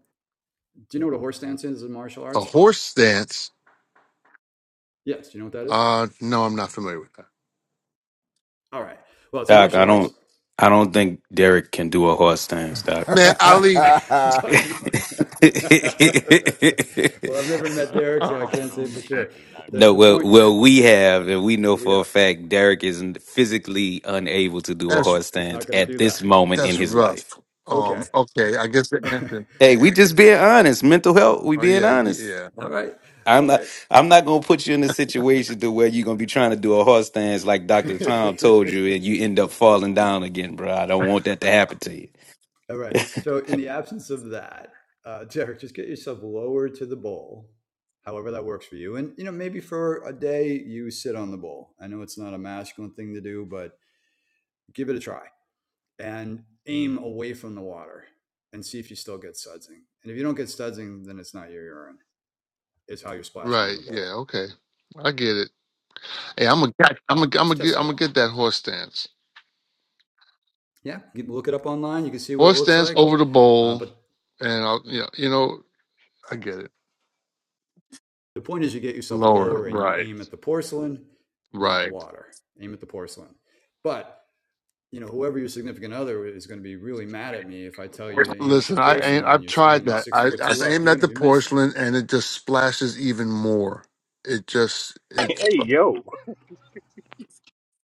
[SPEAKER 9] do you know what a horse stance is in martial
[SPEAKER 10] a
[SPEAKER 9] arts?
[SPEAKER 10] horse stance.
[SPEAKER 9] Yes. Do you know what that is?
[SPEAKER 10] Uh, no, I'm not familiar with that.
[SPEAKER 9] All right. Well, it's a
[SPEAKER 6] Doc, I
[SPEAKER 9] martial arts.
[SPEAKER 6] don't I don't think Derek can do a horse stance, Doc.
[SPEAKER 10] Man, Ali,
[SPEAKER 7] That's
[SPEAKER 9] well, I've
[SPEAKER 11] Not
[SPEAKER 9] never
[SPEAKER 11] at
[SPEAKER 9] met
[SPEAKER 11] all.
[SPEAKER 9] Derek,
[SPEAKER 11] He
[SPEAKER 9] so
[SPEAKER 11] he
[SPEAKER 9] I
[SPEAKER 10] oh,
[SPEAKER 11] not
[SPEAKER 9] can't say
[SPEAKER 11] gonna
[SPEAKER 9] for
[SPEAKER 11] make it.
[SPEAKER 9] sure.
[SPEAKER 11] He not
[SPEAKER 9] The,
[SPEAKER 11] gonna
[SPEAKER 6] no,
[SPEAKER 9] the
[SPEAKER 6] well
[SPEAKER 11] make
[SPEAKER 9] point,
[SPEAKER 6] well we have and we know
[SPEAKER 9] well,
[SPEAKER 6] for
[SPEAKER 9] yeah,
[SPEAKER 6] a fact Derek is physically unable to do a
[SPEAKER 10] that's
[SPEAKER 6] horse
[SPEAKER 9] it's not
[SPEAKER 6] stance
[SPEAKER 9] going to
[SPEAKER 6] at
[SPEAKER 9] do
[SPEAKER 6] this
[SPEAKER 9] that.
[SPEAKER 6] moment in
[SPEAKER 10] that's
[SPEAKER 6] his
[SPEAKER 10] rough.
[SPEAKER 6] life.
[SPEAKER 9] Okay.
[SPEAKER 10] Um, okay, I guess the answer.
[SPEAKER 6] Hey, we just being honest. Mental health, we
[SPEAKER 10] Oh
[SPEAKER 6] being
[SPEAKER 10] yeah,
[SPEAKER 6] honest.
[SPEAKER 10] yeah,
[SPEAKER 9] All right.
[SPEAKER 6] I'm
[SPEAKER 9] All
[SPEAKER 6] not
[SPEAKER 9] right.
[SPEAKER 6] I'm not gonna put you in a situation to where you're gonna be trying to do a horse stance like Dr. Tom told you and you end up falling down again, bro. I don't want that to happen to you.
[SPEAKER 9] All right. So, in the absence of that, uh, Derek, just get yourself lower to the bowl, however that works for you. And, you know, maybe for a day you sit on the bowl. I know it's not a masculine thing to do, but give it a try. and aim away from the water and see if you still get sudsing. And if you don't get sudsing, then it's not your urine. It's how you're splashing in
[SPEAKER 10] right,
[SPEAKER 9] the bowl.
[SPEAKER 10] yeah, okay, I get it. Hey, I'm a, I'm a, I'm gonna
[SPEAKER 9] Just test
[SPEAKER 10] get,
[SPEAKER 9] that
[SPEAKER 10] I'm gonna
[SPEAKER 9] out.
[SPEAKER 10] get that horse stance.
[SPEAKER 9] Yeah, you can look it up online. You can see what it
[SPEAKER 10] Horse
[SPEAKER 9] looks
[SPEAKER 10] stance
[SPEAKER 9] like.
[SPEAKER 10] over the
[SPEAKER 9] Uh,
[SPEAKER 10] bowl,
[SPEAKER 9] but
[SPEAKER 10] and I'll, you know, you know, I get it.
[SPEAKER 9] the point is, you get yourself
[SPEAKER 10] Lower,
[SPEAKER 9] lower and you
[SPEAKER 10] right,
[SPEAKER 9] aim at the porcelain, not the
[SPEAKER 10] right.
[SPEAKER 9] water. Aim at the porcelain. But you know, whoever your significant other is going to be really mad at me if I tell you to aim at the
[SPEAKER 10] Listen, I ain't,
[SPEAKER 9] porcelain and
[SPEAKER 10] I've
[SPEAKER 9] you're
[SPEAKER 10] tried
[SPEAKER 9] standing
[SPEAKER 10] that.
[SPEAKER 9] six
[SPEAKER 10] I,
[SPEAKER 9] foot
[SPEAKER 10] I've
[SPEAKER 9] two up.
[SPEAKER 10] aimed
[SPEAKER 9] You're
[SPEAKER 10] at
[SPEAKER 9] going
[SPEAKER 10] the
[SPEAKER 9] to be missing.
[SPEAKER 10] porcelain, and it just splashes even more. It just, it's.
[SPEAKER 2] Hey yo.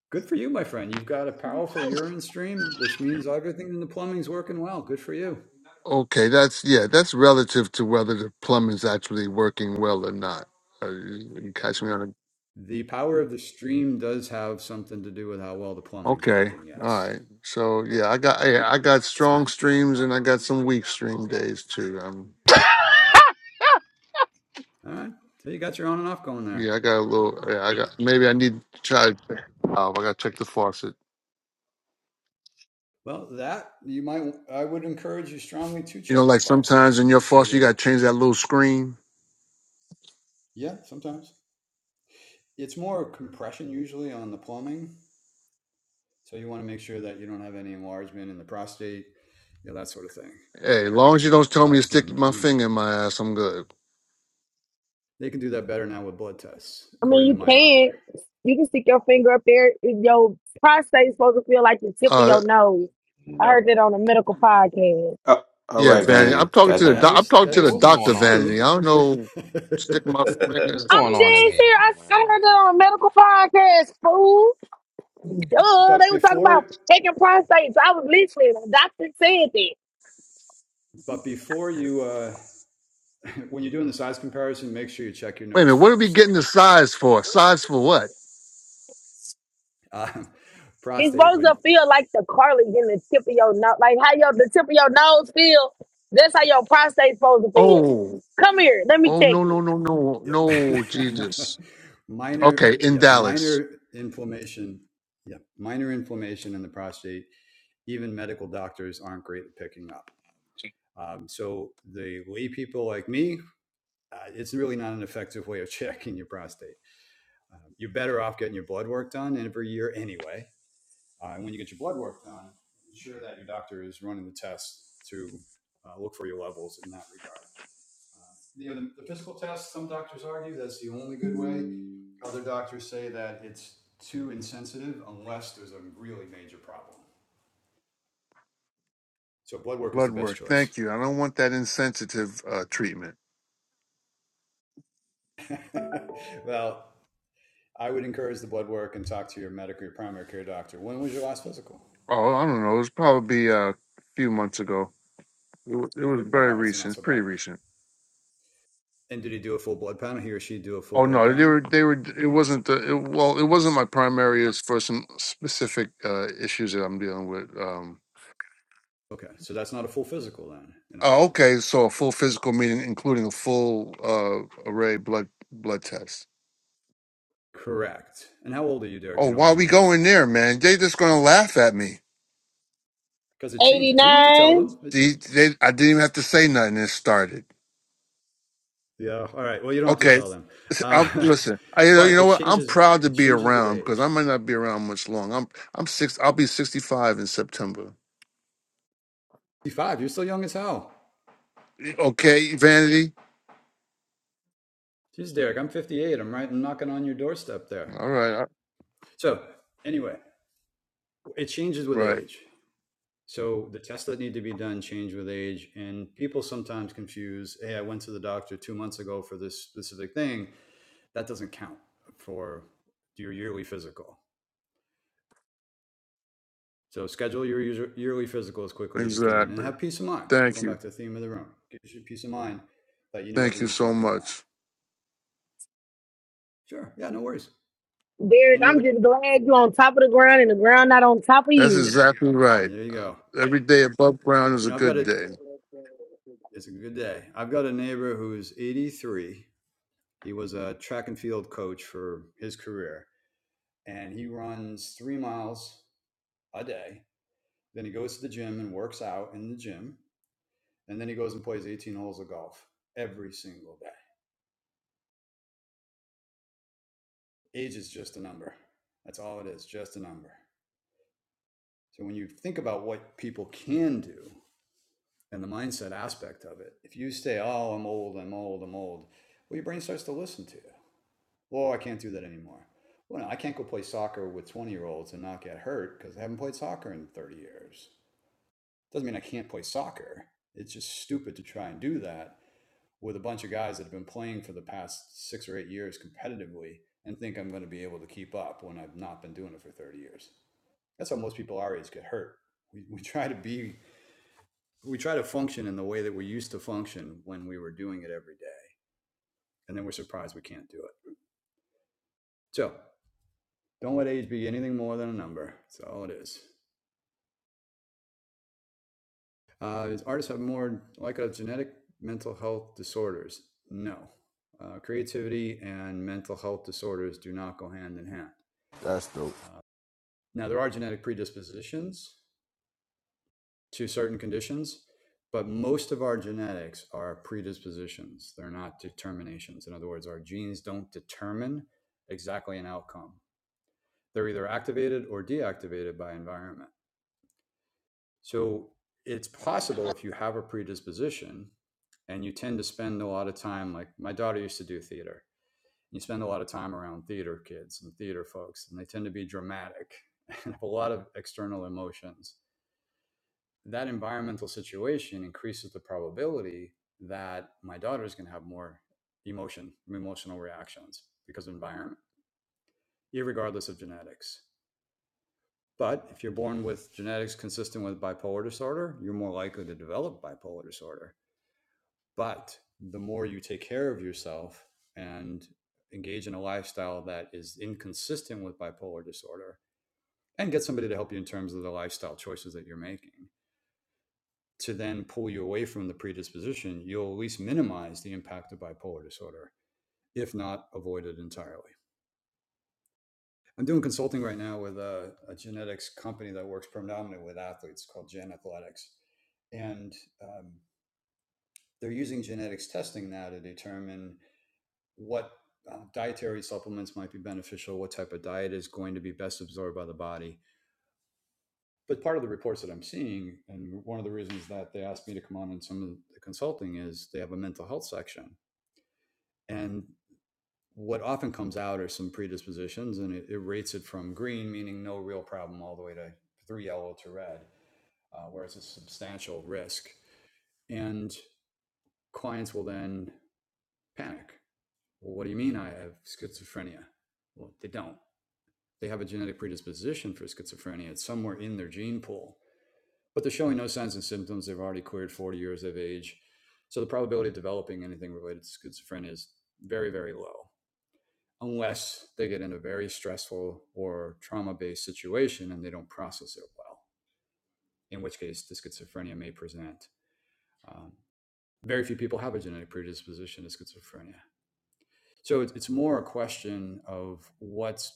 [SPEAKER 9] Good for you, my friend. You've got a powerful urine stream, which means everything in the plumbing's working well. Good for you.
[SPEAKER 10] Okay, that's yeah, that's relative to whether the plumbing's actually working well or not. Uh, you you catch me on a
[SPEAKER 9] The power of the stream does have something to do with how well the plumbing's
[SPEAKER 10] okay,
[SPEAKER 9] working.
[SPEAKER 10] all
[SPEAKER 9] Yes.
[SPEAKER 10] right. So yeah, I got yeah, I got
[SPEAKER 9] It's
[SPEAKER 10] strong
[SPEAKER 9] 'cause-
[SPEAKER 10] streams and I got some weak stream days too. Um,
[SPEAKER 9] all right. So you got your on and off going
[SPEAKER 10] yeah,
[SPEAKER 9] there.
[SPEAKER 10] I got a little. Yeah, I got maybe I need to try. Oh, I got to check the faucet.
[SPEAKER 9] Well, that you might, I would encourage you strongly to
[SPEAKER 10] You know,
[SPEAKER 9] check the
[SPEAKER 10] like
[SPEAKER 9] faucet.
[SPEAKER 10] sometimes in your
[SPEAKER 9] Make sure
[SPEAKER 10] faucet you
[SPEAKER 9] the,
[SPEAKER 10] got to change that little screen.
[SPEAKER 9] yeah, sometimes it's more compression usually on the plumbing. So you want to make sure that you don't have any enlargement in the prostate, you know, that sort of thing.
[SPEAKER 10] Hey, as long as you don't
[SPEAKER 9] Um,
[SPEAKER 10] tell me to
[SPEAKER 9] but
[SPEAKER 10] stick
[SPEAKER 9] again,
[SPEAKER 10] my
[SPEAKER 9] remember,
[SPEAKER 10] finger in my ass, I'm good.
[SPEAKER 9] They can do that better now with blood tests,
[SPEAKER 12] I mean,
[SPEAKER 9] according to
[SPEAKER 12] you
[SPEAKER 9] my doctor.
[SPEAKER 12] can. You can stick your finger up there. If Your prostate's supposed to feel like the tip of
[SPEAKER 10] Uh,
[SPEAKER 12] your nose.
[SPEAKER 11] it.
[SPEAKER 12] I
[SPEAKER 11] No,
[SPEAKER 12] heard that on a medical podcast.
[SPEAKER 6] Oh, all
[SPEAKER 10] Yeah,
[SPEAKER 6] right,
[SPEAKER 10] Vanity.
[SPEAKER 6] Vanity.
[SPEAKER 10] I'm talking to the
[SPEAKER 11] no,
[SPEAKER 9] That
[SPEAKER 6] Goddamn.
[SPEAKER 10] doc- I'm
[SPEAKER 9] is
[SPEAKER 10] talking
[SPEAKER 9] that
[SPEAKER 10] to
[SPEAKER 13] Hey,
[SPEAKER 10] the
[SPEAKER 9] is
[SPEAKER 13] what's
[SPEAKER 10] doctor,
[SPEAKER 13] going on here?
[SPEAKER 10] Vanity.
[SPEAKER 9] true.
[SPEAKER 10] I don't know. Stick my
[SPEAKER 13] What's
[SPEAKER 10] finger.
[SPEAKER 13] going
[SPEAKER 12] I'm
[SPEAKER 13] on in
[SPEAKER 12] dead
[SPEAKER 10] Wait
[SPEAKER 12] serious.
[SPEAKER 13] here?
[SPEAKER 12] I s- I heard that
[SPEAKER 11] no.
[SPEAKER 12] on a medical podcast, fool. Duh,
[SPEAKER 9] but
[SPEAKER 12] they were talking about
[SPEAKER 9] before
[SPEAKER 12] taking prostates. I was listening. The doctor said that.
[SPEAKER 9] but before you uh, when you're doing the size comparison, make sure you check your
[SPEAKER 10] a
[SPEAKER 9] nose
[SPEAKER 10] minute. What are we
[SPEAKER 9] first.
[SPEAKER 10] getting the size for? Size for what?
[SPEAKER 9] Um,
[SPEAKER 12] It's
[SPEAKER 9] prostate
[SPEAKER 12] supposed
[SPEAKER 9] when
[SPEAKER 12] to feel like the cartilage in the tip of your nose. Like how your the tip of your nose feel. That's how your prostate's supposed to feel.
[SPEAKER 10] Oh,
[SPEAKER 12] Come here. Let me
[SPEAKER 10] oh
[SPEAKER 12] take
[SPEAKER 10] no
[SPEAKER 12] it.
[SPEAKER 10] no no no
[SPEAKER 9] yeah.
[SPEAKER 10] no Jesus.
[SPEAKER 9] minor
[SPEAKER 10] Okay, in
[SPEAKER 9] yeah
[SPEAKER 10] Dallas.
[SPEAKER 9] minor inflammation yeah minor inflammation in the prostate even medical doctors aren't great at picking up um, so the lay people like me uh, it's really not an effective way of checking your prostate. Um, you're better off getting your blood work done every year anyway. Uh, and when you get your blood work done, ensure that your doctor is running the test to uh, look for your levels in that regard. Uh, you know, the, the physical test, some doctors argue that's the only good way. Other doctors say that it's too insensitive unless there's a really major problem. So, blood work is
[SPEAKER 10] Blood
[SPEAKER 9] the best
[SPEAKER 10] work.
[SPEAKER 9] choice.
[SPEAKER 10] Thank you. I don't want that insensitive uh, treatment.
[SPEAKER 9] well, I would encourage the blood work and talk to your medical, your primary care doctor. When was your last physical?
[SPEAKER 10] Oh, I don't know. It was probably uh, a few months ago. It, wa- it was very
[SPEAKER 9] All right, so not
[SPEAKER 10] recent. It's
[SPEAKER 9] so
[SPEAKER 10] pretty
[SPEAKER 9] bad.
[SPEAKER 10] recent.
[SPEAKER 9] And did he do a full blood panel? He or she do a full
[SPEAKER 10] Oh
[SPEAKER 9] blood
[SPEAKER 10] no, they
[SPEAKER 9] panel?
[SPEAKER 10] were they were. It wasn't the it, well. It wasn't my primary. It's for some specific uh, issues that I'm dealing with. Um,
[SPEAKER 9] Okay, so that's not a full physical then, in other
[SPEAKER 10] oh,
[SPEAKER 9] words.
[SPEAKER 10] okay. So a full physical meeting, including a full uh, array blood blood test.
[SPEAKER 9] Correct. And how old are you, Derek, if
[SPEAKER 10] Oh,
[SPEAKER 9] you don't
[SPEAKER 10] why
[SPEAKER 9] mind me
[SPEAKER 10] we
[SPEAKER 9] asking?
[SPEAKER 10] going there, man? They just gonna laugh at me.
[SPEAKER 9] Because it changes. You don't have to tell
[SPEAKER 12] 89.
[SPEAKER 9] them. It,
[SPEAKER 10] See, they I didn't even have to say nothing. It started.
[SPEAKER 9] yeah, all right. Well, you don't have to
[SPEAKER 10] Okay,
[SPEAKER 9] tell them.
[SPEAKER 10] s- I'm
[SPEAKER 9] Uh,
[SPEAKER 10] listen. I you know you
[SPEAKER 9] but
[SPEAKER 10] know
[SPEAKER 9] it
[SPEAKER 10] what? I'm
[SPEAKER 9] changes
[SPEAKER 10] proud to
[SPEAKER 9] it
[SPEAKER 10] be
[SPEAKER 9] changes with
[SPEAKER 10] around because
[SPEAKER 9] age.
[SPEAKER 10] I might not be around much long. I'm I'm six. I'll be 65 in September.
[SPEAKER 9] 55, you're still young as hell.
[SPEAKER 10] Okay, vanity.
[SPEAKER 9] Jeez, Derek, I'm 58. I'm right I'm knocking on your doorstep there.
[SPEAKER 10] All right, I-
[SPEAKER 9] So anyway, it changes with
[SPEAKER 10] right.
[SPEAKER 9] age. So the tests that need to be done change with age, and people sometimes confuse, "Hey, I went to the doctor two months ago for this specific thing." That doesn't count for your yearly physical. So schedule your user, yearly physical as quickly as you can, and
[SPEAKER 10] Exactly.
[SPEAKER 9] have peace of mind.
[SPEAKER 10] Thank
[SPEAKER 9] Going
[SPEAKER 10] you.
[SPEAKER 9] back to the theme of the room, gives you peace of mind that you know
[SPEAKER 10] Thank you
[SPEAKER 9] everything's
[SPEAKER 10] so
[SPEAKER 9] working well.
[SPEAKER 10] much.
[SPEAKER 9] Sure, yeah, no worries.
[SPEAKER 12] Derek,
[SPEAKER 9] Any
[SPEAKER 12] I'm
[SPEAKER 9] other?
[SPEAKER 12] just glad you on top of the ground and the ground not on top of
[SPEAKER 10] That's
[SPEAKER 12] you.
[SPEAKER 10] exactly right.
[SPEAKER 9] There you
[SPEAKER 10] Uh,
[SPEAKER 9] go.
[SPEAKER 10] Every day above ground is
[SPEAKER 9] You
[SPEAKER 10] a
[SPEAKER 9] know, I've got
[SPEAKER 10] good
[SPEAKER 9] it.
[SPEAKER 10] day.
[SPEAKER 9] It's a good day. I've got a neighbor who's 83. He was a track and field coach for his career and he runs three miles a day. Then he goes to the gym and works out in the gym. And then he goes and plays 18 holes of golf every single day. Age is just a number. That's all it is, just a number. So when you think about what people can do and the mindset aspect of it, if you say, oh, I'm old, I'm old, I'm old, well, your brain starts to listen to you. Oh, I can't do that anymore. Well, no, I can't go play soccer with 20 year olds and not get hurt because I haven't played soccer in 30 years. Doesn't mean I can't play soccer. It's just stupid to try and do that with a bunch of guys that have been playing for the past six or eight years competitively and think I'm going to be able to keep up when I've not been doing it for 30 years. That's how most people our age get hurt. We, we try to be, we try to function in the way that we used to function when we were doing it every day. And then we're surprised we can't do it. So don't let age be anything more than a number. That's all it is. Uh, is artists have more like a genetic mental health disorders? No. Uh, creativity and mental health disorders do not go hand in hand.
[SPEAKER 7] dope.
[SPEAKER 9] Uh, now, there are genetic predispositions to certain conditions, but most of our genetics are predispositions. They're not determinations. In other words, our genes don't determine exactly an outcome. They're either activated or deactivated by environment. So it's possible if you have a predisposition and you tend to spend a lot of time like my daughter used to do theater you spend a lot of time around theater kids and theater folks and they tend to be dramatic and have a lot of external emotions that environmental situation increases the probability that my daughter is going to have more emotion emotional reactions because of environment irregardless of genetics but if you're born with genetics consistent with bipolar disorder you're more likely to develop bipolar disorder But the more you take care of yourself and engage in a lifestyle that is inconsistent with bipolar disorder and get somebody to help you in terms of the lifestyle choices that you're making to then pull you away from the predisposition, you'll at least minimize the impact of bipolar disorder, if not avoid it entirely. I'm doing consulting right now with a, a genetics company that works predominantly with athletes called Gen Athletics. And um, they're using genetics testing now to determine what uh, dietary supplements might be beneficial, what type of diet is going to be best absorbed by the body. But part of the reports that I'm seeing, and one of the reasons that they asked me to come on in some of the consulting, is they have a mental health section. And what often comes out are some predispositions, and it, it rates it from green, meaning no real problem, all the way to three yellow to red, uh, where it's a substantial risk. And clients will then panic. Well, what do you mean I have schizophrenia? Well, they don't they have a genetic predisposition for schizophrenia. It's somewhere in their gene pool, but they're showing no signs and symptoms. They've already cleared 40 years of age. So the probability of developing anything related to schizophrenia is very, very low unless they get in a very stressful or trauma based situation and they don't process it well, in which case the schizophrenia may present. Um, very few people have a genetic predisposition to schizophrenia. So it's, it's more a question of what's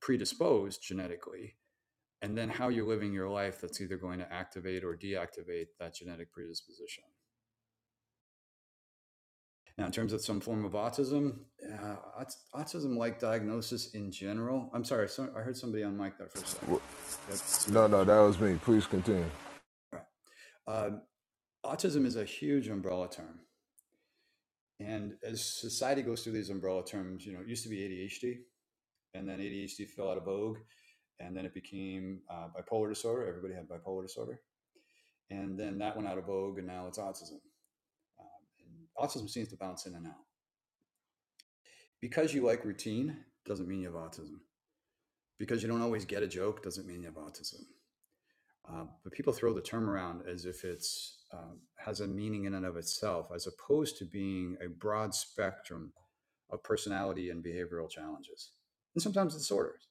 [SPEAKER 9] predisposed genetically and then how you're living your life that's either going to activate or deactivate that genetic predisposition. Now, in terms of some form of autism, uh, autism-like diagnosis in general. I'm sorry, so, I heard somebody on mic there for a second. Did somebody have
[SPEAKER 7] No,
[SPEAKER 9] a
[SPEAKER 7] no,
[SPEAKER 9] question?
[SPEAKER 7] that was me. Please continue.
[SPEAKER 9] All right. Um, autism is a huge umbrella term, and as society goes through these umbrella terms, you know, it used to be ADHD, and then ADHD fell out of vogue, and then it became uh, bipolar disorder. Everybody had bipolar disorder, and then that went out of vogue, and now it's autism. Uh, Autism seems to bounce in and out. Because you like routine doesn't mean you have autism. Because you don't always get a joke doesn't mean you have autism. Uh, but people throw the term around as if it's um, has a meaning in and of itself, as opposed to being a broad spectrum of personality and behavioral challenges, and sometimes disorders.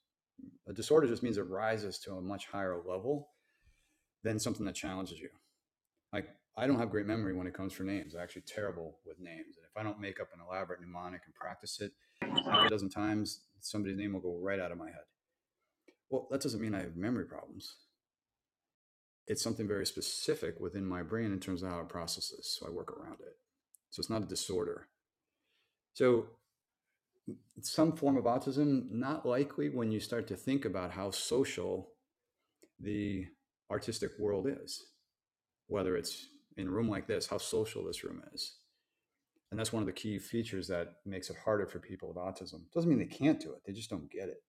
[SPEAKER 9] A disorder just means it rises to a much higher level than something that challenges you. like I don't have great memory when it comes for names. I'm actually terrible with names. And if I don't make up an elaborate mnemonic and practice it half a dozen times, somebody's name will go right out of my head. Well, that doesn't mean I have memory problems. It's something very specific within my brain in terms of how it processes. So I work around it. So it's not a disorder. So some form of autism, not likely when you start to think about how social the artistic world is, whether it's in a room like this, how social this room is and that's one of the key features that makes it harder for people with autism doesn't mean they can't do it they just don't get it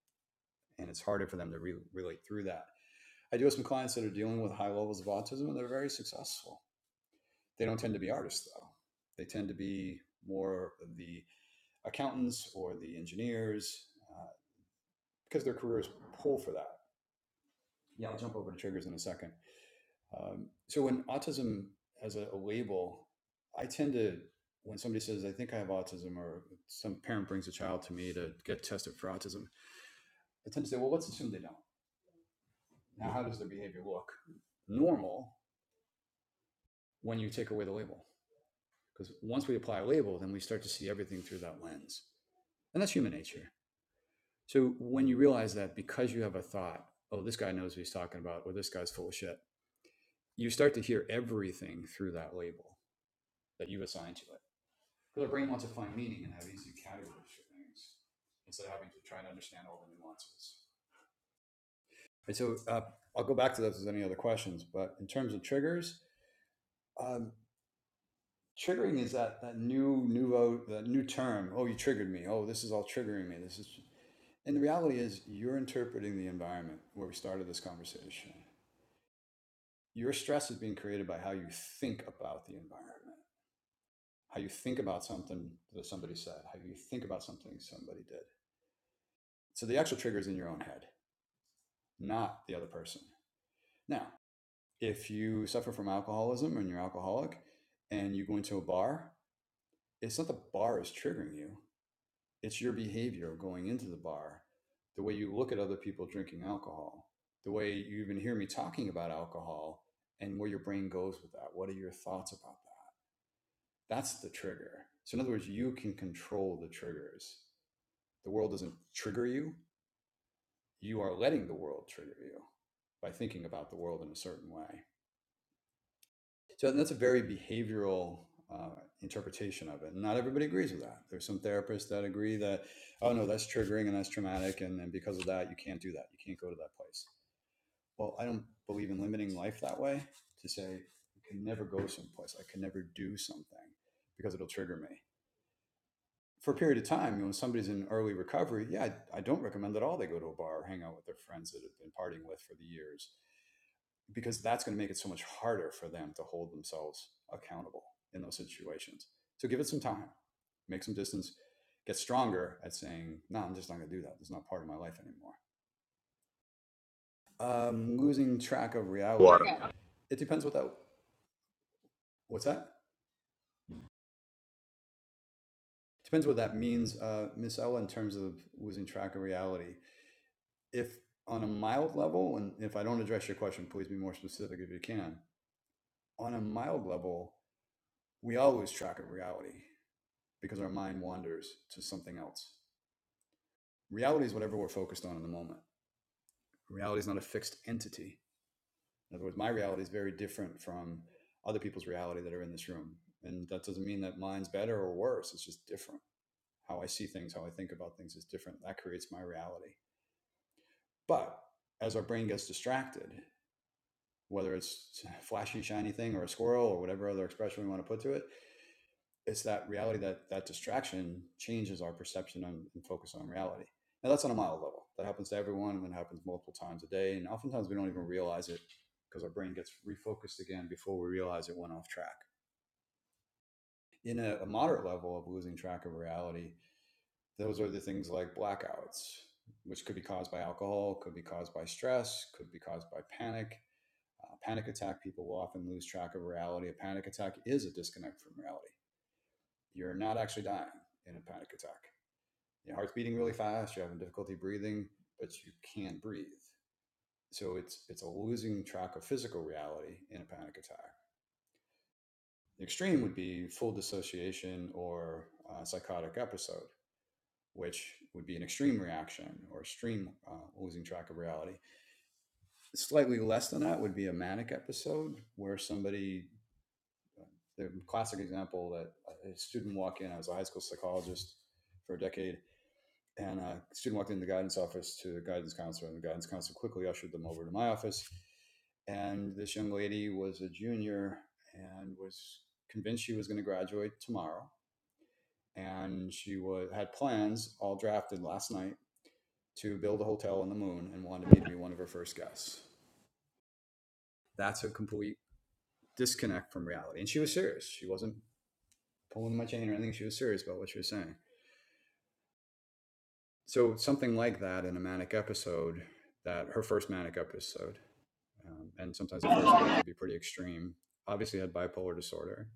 [SPEAKER 9] and it's harder for them to re- relate through that i do have some clients that are dealing with high levels of autism and they're very successful they don't tend to be artists though they tend to be more the accountants or the engineers uh, because their careers pull for that yeah i'll jump over to triggers in a second Um, so when autism has a, a label, I tend to when somebody says I think I have autism, or some parent brings a child to me to get tested for autism, I tend to say, well, let's assume they don't. Now, how does their behavior look? Normal when you take away the label, because once we apply a label, then we start to see everything through that lens, and that's human nature. So when you realize that because you have a thought, oh, this guy knows what he's talking about, or this guy's full of shit, you start to hear everything through that label that you assign to it. Because our brain wants to find meaning and have easy categories for things instead of having to try and understand all the nuances. And so uh, I'll go back to those as any other questions. But in terms of triggers, um, triggering is that that new nouveau that new term. Oh, you triggered me. Oh, this is all triggering me. This is and the reality is you're interpreting the environment where we started this conversation. Your stress is being created by how you think about the environment, how you think about something that somebody said, how you think about something somebody did. So the actual trigger is in your own head. not the other person. Now, if you suffer from alcoholism and you're alcoholic and you go into a bar, it's not the bar is triggering you, it's your behavior going into the bar, the way you look at other people drinking alcohol, the way you even hear me talking about alcohol and where your brain goes with that. What are your thoughts about that? That's the trigger. So, in other words, you can control the triggers. The world doesn't trigger you, you are letting the world trigger you by thinking about the world in a certain way. So that's a very behavioral uh, interpretation of it. And not everybody agrees with that. There's some therapists that agree that, oh no, that's triggering and that's traumatic, and, and because of that, you can't do that. You can't go to that place. Well, I don't believe in limiting life that way to say I can never go someplace. I can never do something because it'll trigger me. For a period of time, you know, when somebody's in early recovery, yeah, I, I don't recommend at all they go to a bar or hang out with their friends that have been partying with for the years because that's going to make it so much harder for them to hold themselves accountable in those situations. So give it some time, make some distance, get stronger at saying, no, I'm just not going to do that. It's not part of my life anymore. Um, losing track of reality.
[SPEAKER 2] Water.
[SPEAKER 9] It depends what that, what's that? Depends what that means, uh, Miss Ella, in terms of losing track of reality. If on a mild level, and if I don't address your question, please be more specific if you can. On a mild level, we all lose track of reality because our mind wanders to something else. Reality is whatever we're focused on in the moment. Reality is not a fixed entity. In other words, my reality is very different from other people's reality that are in this room. And that doesn't mean that mine's better or worse. It's just different. How I see things, how I think about things is different. That creates my reality. But as our brain gets distracted, whether it's a flashy, shiny thing or a squirrel or whatever other expression we want to put to it, it's that reality that that distraction changes our perception on, and focus on reality. Now that's on a mild level. That happens to everyone, and it happens multiple times a day. And oftentimes we don't even realize it because our brain gets refocused again before we realize it went off track. In a, a moderate level of losing track of reality, those are the things like blackouts, which could be caused by alcohol, could be caused by stress, could be caused by panic. Uh, panic attack people will often lose track of reality. A panic attack is a disconnect from reality. You're not actually dying in a panic attack your heart's beating really fast, you're having difficulty breathing, but you can't breathe. So it's it's a losing track of physical reality in a panic attack. The extreme would be full dissociation or a psychotic episode, which would be an extreme reaction or extreme uh, losing track of reality. Slightly less than that would be a manic episode where somebody, the classic example that a student walk in, I was a high school psychologist for a decade, And a student walked into the guidance office to the guidance counselor, and the guidance counselor quickly ushered them over to my office. And this young lady was a junior and was convinced she was going to graduate tomorrow. And she was, had plans all drafted last night to build a hotel on the moon and wanted me to be one of her first guests. That's a complete disconnect from reality. And she was serious. She wasn't pulling my chain or anything. She was serious about what she was saying. So, something like that in a manic episode, that her first manic episode, Um, and sometimes the first one could be pretty extreme. Obviously, had bipolar disorder.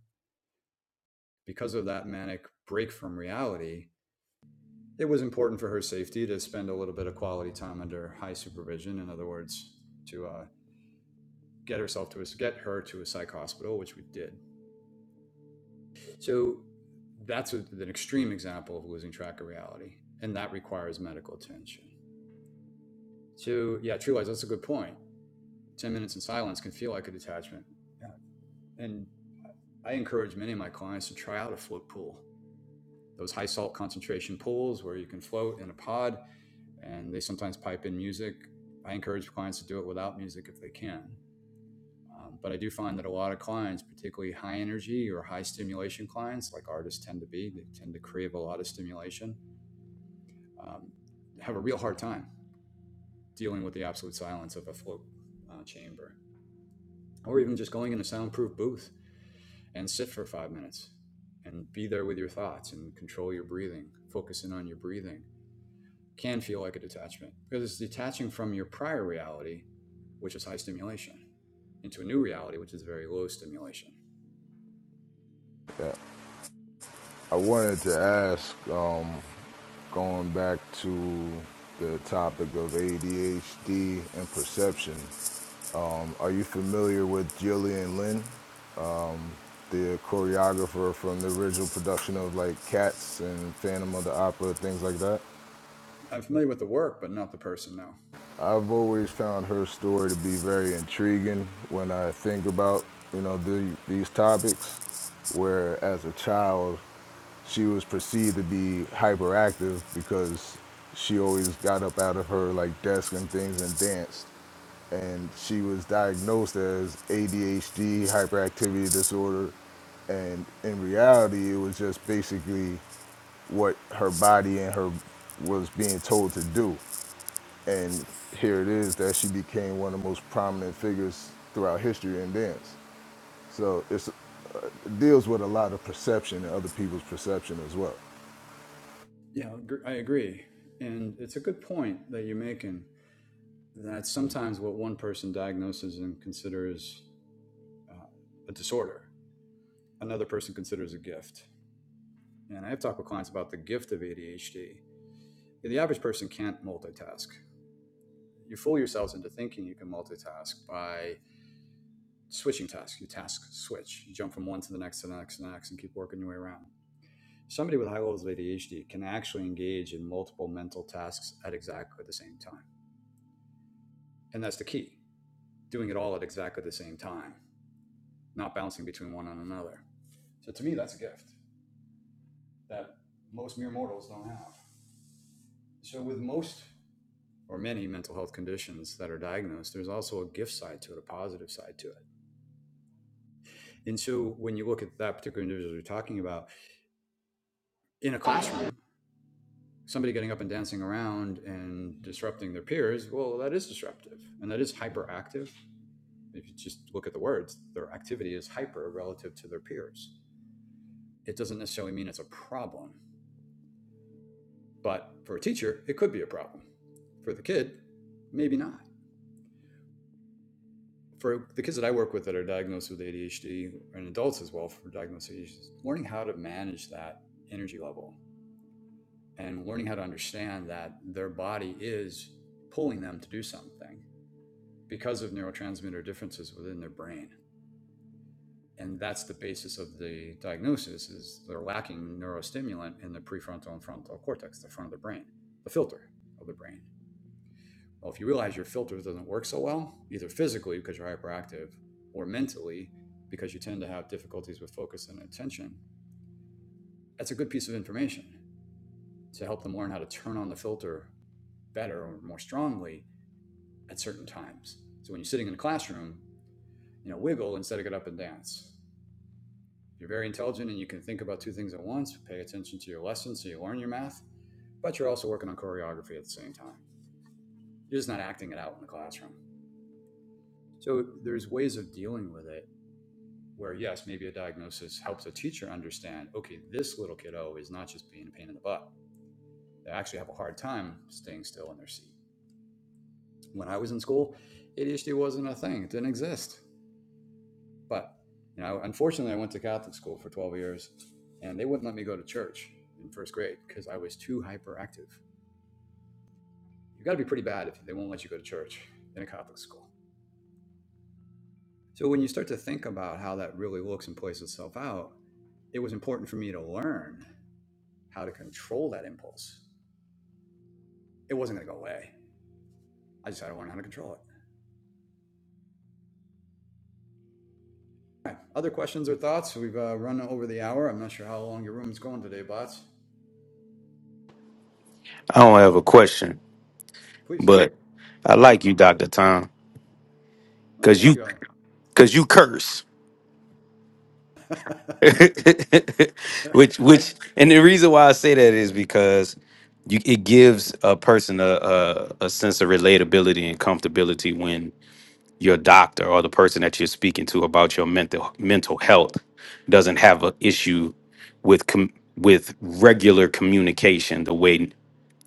[SPEAKER 9] Because of that manic break from reality, it was important for her safety to spend a little bit of quality time under high supervision. In other words, to uh, get herself to a, get her to a psych hospital, which we did. So that's a, an extreme example of losing track of reality, and that requires medical attention. So yeah, true lies. That's a good point. Ten minutes in silence can feel like a detachment, yeah. and I encourage many of my clients to try out a float pool those high salt concentration pools where you can float in a pod and they sometimes pipe in music. I encourage clients to do it without music if they can. Um, but I do find that a lot of clients, particularly high energy or high stimulation clients, like artists tend to be, they tend to crave a lot of stimulation, um, have a real hard time dealing with the absolute silence of a float uh, chamber, or even just going in a soundproof booth and sit for five minutes and be there with your thoughts and control your breathing, focus in on your breathing can feel like a detachment because it's detaching from your prior reality, which is high stimulation, into a new reality, which is very low stimulation.
[SPEAKER 7] I wanted to ask, um, going back to the topic of ADHD and perception, are you familiar with Gillian Lynn, the choreographer from the original production of like Cats and Phantom of the Opera, things like that?
[SPEAKER 9] I'm familiar with the work, but not the person, no.
[SPEAKER 7] I've always found her story to be very intriguing when I think about, you know, the, these topics where as a child she was perceived to be hyperactive because she always got up out of her like desk and things and danced and she was diagnosed as ADHD hyperactivity disorder and in reality it was just basically what her body and her was being told to do and here it is that she became one of the most prominent figures throughout history in dance. So it's, it deals with a lot of perception and other people's perception as well.
[SPEAKER 9] Yeah, I agree. And it's a good point that you're making that sometimes what one person diagnoses and considers uh, a disorder, another person considers a gift. And I have talked with clients about the gift of ADHD. The average person can't multitask. You fool yourselves into thinking you can multitask by switching tasks. You task switch. You jump from one to the next to the next to the next and keep working your way around. Somebody with high levels of ADHD can actually engage in multiple mental tasks at exactly the same time. And that's the key doing it all at exactly the same time, not bouncing between one and another. So to me, that's a gift that most mere mortals don't have. So with most or many mental health conditions that are diagnosed, there's also a gift side to it, a positive side to it. And so when you look at that particular individual you're talking about in a classroom, somebody getting up and dancing around and disrupting their peers, well, that is disruptive and that is hyperactive. If you just look at the words, their activity is hyper relative to their peers. It doesn't necessarily mean it's a problem, but for a teacher, it could be a problem. For the kid, maybe not. For the kids that I work with that are diagnosed with ADHD and adults as well for diagnosed ADHD, learning how to manage that energy level and learning how to understand that their body is pulling them to do something because of neurotransmitter differences within their brain. And that's the basis of the diagnosis is they're lacking neurostimulant in the prefrontal and frontal cortex, the front of the brain, the filter of the brain. Well, if you realize your filter doesn't work so well, either physically because you're hyperactive or mentally because you tend to have difficulties with focus and attention, that's a good piece of information to help them learn how to turn on the filter better or more strongly at certain times. So when you're sitting in a classroom, you know, wiggle instead of get up and dance If you're very intelligent and you can think about two things at once, pay attention to your lessons so you learn your math, but you're also working on choreography at the same time. You're just not acting it out in the classroom. So there's ways of dealing with it where, yes, maybe a diagnosis helps a teacher understand okay, this little kiddo is not just being a pain in the butt. They actually have a hard time staying still in their seat. When I was in school, ADHD wasn't a thing, it didn't exist. But you know, unfortunately, I went to Catholic school for 12 years and they wouldn't let me go to church in first grade because I was too hyperactive. you got to be pretty bad if they won't let you go to church in a Catholic school. So when you start to think about how that really looks and plays itself out, it was important for me to learn how to control that impulse. It wasn't going to go away. I just had to learn how to control it. All right. Other questions or thoughts? We've uh, run over the hour. I'm not sure how long your room's going today, bots.
[SPEAKER 6] I don't have a question,
[SPEAKER 9] Please
[SPEAKER 6] but I
[SPEAKER 9] comment.
[SPEAKER 6] like you, Dr. Tom,
[SPEAKER 9] Well,
[SPEAKER 6] because
[SPEAKER 9] thank
[SPEAKER 6] you
[SPEAKER 9] you, Ali.
[SPEAKER 6] because you curse. which
[SPEAKER 9] I,
[SPEAKER 6] which and the reason why I say that is because you it gives a person a, a a sense of relatability and comfortability when. your doctor or the person that you're speaking to about your mental mental health doesn't have an issue with com- with regular communication the way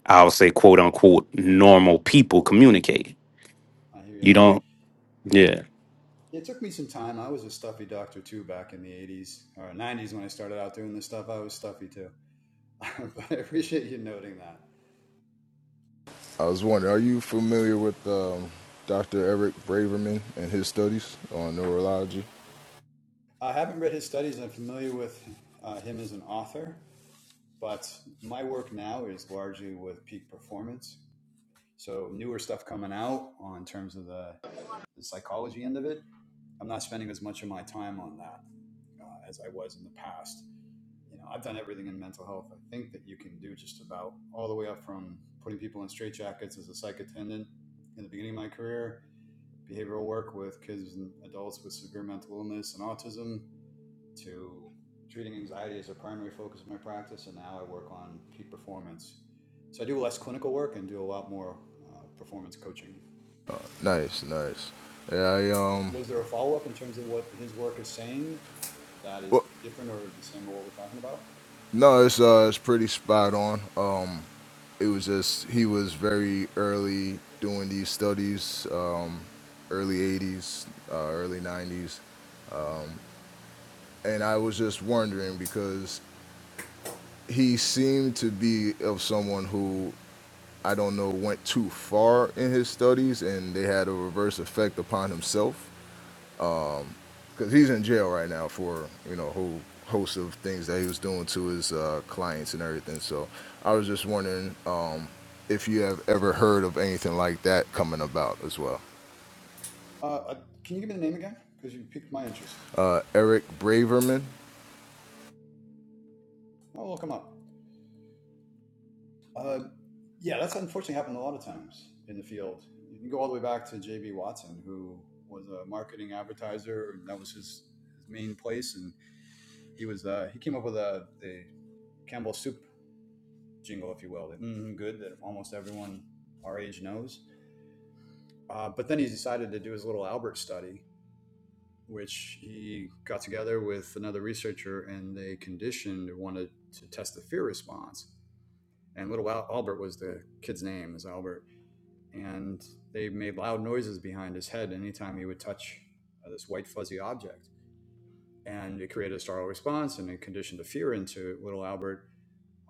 [SPEAKER 6] I'll say quote unquote normal people communicate.
[SPEAKER 9] I hear you,
[SPEAKER 6] You
[SPEAKER 9] Ali.
[SPEAKER 6] don't yeah.
[SPEAKER 9] It took me some time. I was a stuffy doctor too back in the 80s or 90s when I started out doing this stuff. I was stuffy too. but I appreciate you noting that.
[SPEAKER 7] I was wondering, are you familiar with um, Dr. Eric Braverman and his studies on neurology?
[SPEAKER 9] I haven't read his studies. I'm familiar with uh, him as an author, but my work now is largely with peak performance. So newer stuff coming out on terms of the, the psychology end of it. I'm not spending as much of my time on that uh, as I was in the past. You know, I've done everything in mental health. I think that you can do just about all the way up from putting people in straitjackets as a psych attendant in the beginning of my career, behavioral work with kids and adults with severe mental illness and autism, to treating anxiety as a primary focus of my practice, and now I work on peak performance. So I do less clinical work and do a lot more uh, performance coaching.
[SPEAKER 7] Nice, nice. Yeah, I um,
[SPEAKER 9] Was there a follow up in terms of what his work is saying that is
[SPEAKER 7] well,
[SPEAKER 9] different or the same of what we're talking about?
[SPEAKER 7] no, it's uh, it's pretty spot on. Um, it was just he was very early doing these studies, um, early '80s, uh, early '90s, and I was just wondering because he seemed to be of someone who I don't know went too far in his studies, and they had a reverse effect upon himself because he's in jail right now for you know a whole host of things that he was doing to his uh, clients and everything. So I was just wondering um, if you have ever heard of anything like that coming about as well.
[SPEAKER 9] Uh, uh, can you give me the name again? Because you piqued my interest.
[SPEAKER 7] Uh, Eric Braverman.
[SPEAKER 9] I'll look him up. Uh, Yeah, that's unfortunately happened a lot of times in the field. You can go all the way back to J.B. Watson, who was a marketing advertiser, and that was his, his main place. And he was uh, he came up with a, a Campbell soup jingle, if you will, that mm good that almost everyone our age knows. Uh, but then he decided to do his little Albert study, which he got together with another researcher, and they conditioned wanted to test the fear response. And little Albert was the kid's name, is Albert and they made loud noises behind his head anytime he would touch uh, this white fuzzy object. And it created a startle response and it conditioned a fear into little Albert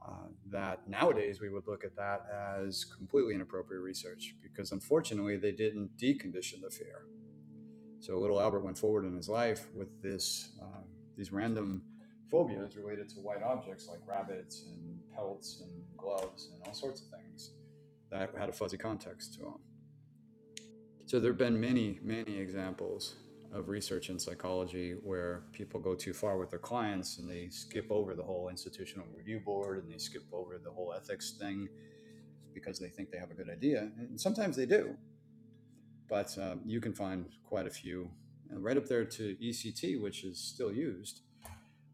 [SPEAKER 9] uh, that nowadays we would look at that as completely inappropriate research because unfortunately they didn't decondition the fear. So little Albert went forward in his life with this uh, these random phobias related to white objects like rabbits and pelts and gloves and all sorts of things that had a fuzzy context to them. So there have been many, many examples of research in psychology where people go too far with their clients and they skip over the whole institutional review board and they skip over the whole ethics thing because they think they have a good idea. And sometimes they do, but um, you can find quite a few uh, right up there to ECT, which is still used,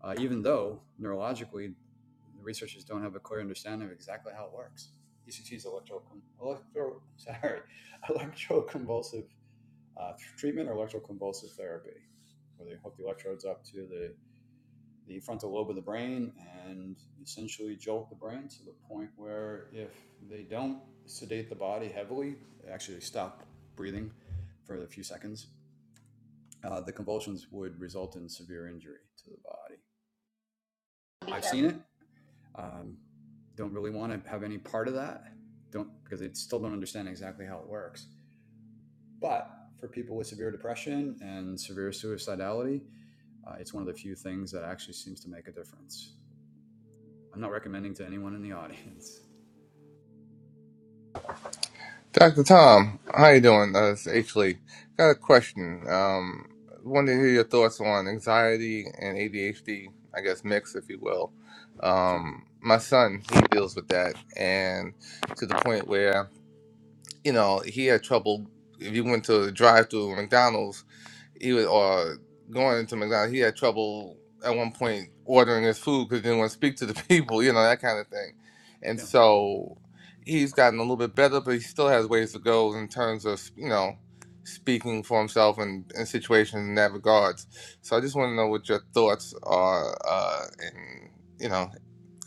[SPEAKER 9] uh, even though neurologically the researchers don't have a clear understanding of exactly how it works. ECT is electro, electro sorry, electroconvulsive uh, treatment or electroconvulsive therapy, where they hook the electrodes up to the, the frontal lobe of the brain and essentially jolt the brain to the point where if they don't sedate the body heavily, actually stop breathing for a few seconds, uh, the convulsions would result in severe injury to the body. I've seen it. Um, don't really want to have any part of that. Don't because they still don't understand exactly how it works. But for people with severe depression and severe suicidality, Uh, it's one of the few things that actually seems to make a difference. I'm not recommending to anyone in the audience.
[SPEAKER 14] Dr. Tom, how you doing? Uh, it's H. Lee. Got a question. Um, wanted to hear your thoughts on anxiety and ADHD, I guess mix, if you will.
[SPEAKER 9] Sure.
[SPEAKER 14] Um, my son, he deals with that, and to the point where, you know, he had trouble if you went to the drive-through McDonald's he was or going into McDonald's. He had trouble at one point ordering his food because he didn't want to speak to the people, you know, that kind of thing. And
[SPEAKER 9] Yeah.
[SPEAKER 14] so he's gotten a little bit better, but he still has ways to go in terms of you know speaking for himself and in situations in that regards. So I just want to know what your thoughts are, uh, and you know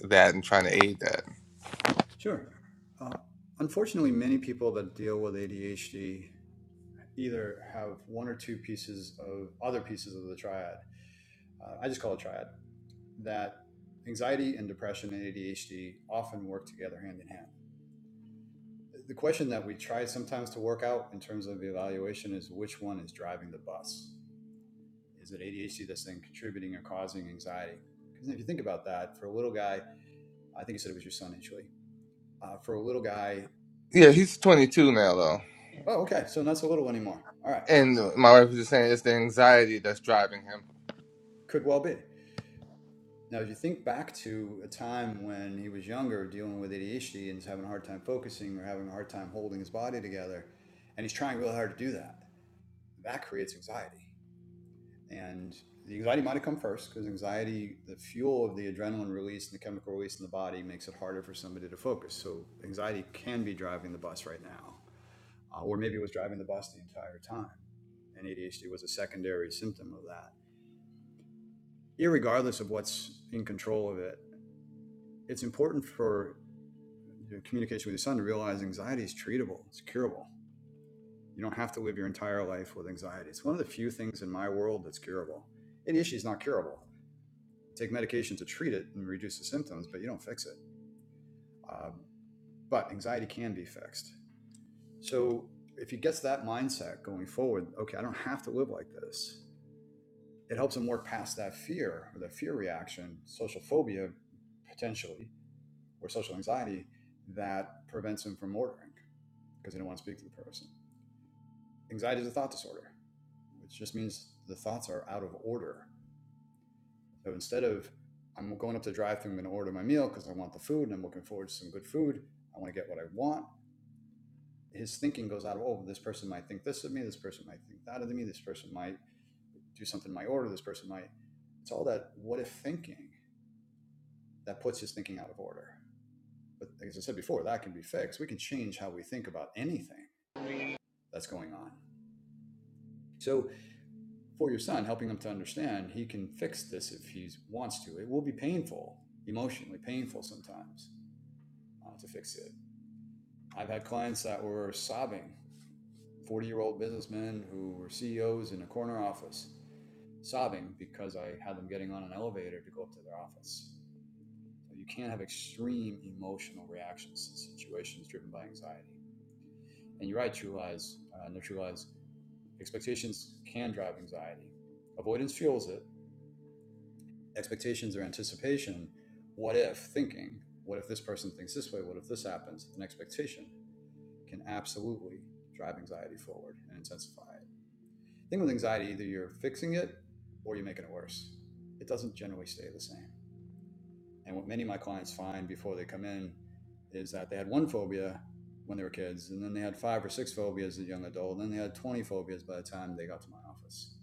[SPEAKER 14] that, and trying to aid that.
[SPEAKER 9] Sure. Uh, unfortunately, many people that deal with ADHD either have one or two pieces of other pieces of the triad. Uh, I just call it triad that anxiety and depression and ADHD often work together hand in hand. The question that we try sometimes to work out in terms of the evaluation is which one is driving the bus? is it ADHD that's then contributing or causing anxiety? Because if you think about that, for a little guy, I think you said it was your son initially. Uh, for a little guy,
[SPEAKER 14] Yeah, he's 22 now, though.
[SPEAKER 9] oh, okay, so not so little anymore. All right,
[SPEAKER 14] And my wife was just saying it's the anxiety that's driving him.
[SPEAKER 9] could well be. Now, if you think back to a time when he was younger, dealing with ADHD and he's having a hard time focusing or having a hard time holding his body together, and he's trying really hard to do that, that creates anxiety. And the anxiety might have come first because anxiety, the fuel of the adrenaline release and the chemical release in the body makes it harder for somebody to focus. So anxiety can be driving the bus right now, uh, or maybe it was driving the bus the entire time. And ADHD was a secondary symptom of that. Irregardless of what's in control of it, it's important for you know, communication with your son to realize anxiety is treatable, it's curable. You don't have to live your entire life with anxiety. It's one of the few things in my world that's curable. ADHD is not curable. You take medication to treat it and reduce the symptoms, but you don't fix it. Uh, but anxiety can be fixed. So if you get to that mindset going forward, okay, I don't have to live like this. It helps them work past that fear or that fear reaction, social phobia potentially, or social anxiety that prevents them from ordering because they don't want to speak to the person. Anxiety is a thought disorder, which just means the thoughts are out of order So instead of I'm going up to drive through, I'm going to order my meal because I want the food and I'm looking forward to some good food. I want to get what I want. His thinking goes out of, oh, this person might think this of me. This person might think that of me. This person might do something in my order. This person might. It's all that what if thinking that puts his thinking out of order. But as I said before, that can be fixed. We can change how we think about anything that's going on. So for your son, helping him to understand, he can fix this if he wants to. It will be painful, emotionally painful sometimes uh, to fix it. I've had clients that were sobbing, 40 year old businessmen who were CEOs in a corner office, sobbing because I had them getting on an elevator to go up to their office. So you can't have extreme emotional reactions to situations driven by anxiety. And you're right, true lies, uh, no true lies. Expectations can drive anxiety. Avoidance fuels it. Expectations are anticipation. What if thinking? What if this person thinks this way? What if this happens? An expectation can absolutely drive anxiety forward and intensify it. thing with anxiety either you're fixing it or you're making it worse it doesn't generally stay the same and what many of my clients find before they come in is that they had one phobia when they were kids and then they had five or six phobias as a young adult and then they had 20 phobias by the time they got to my office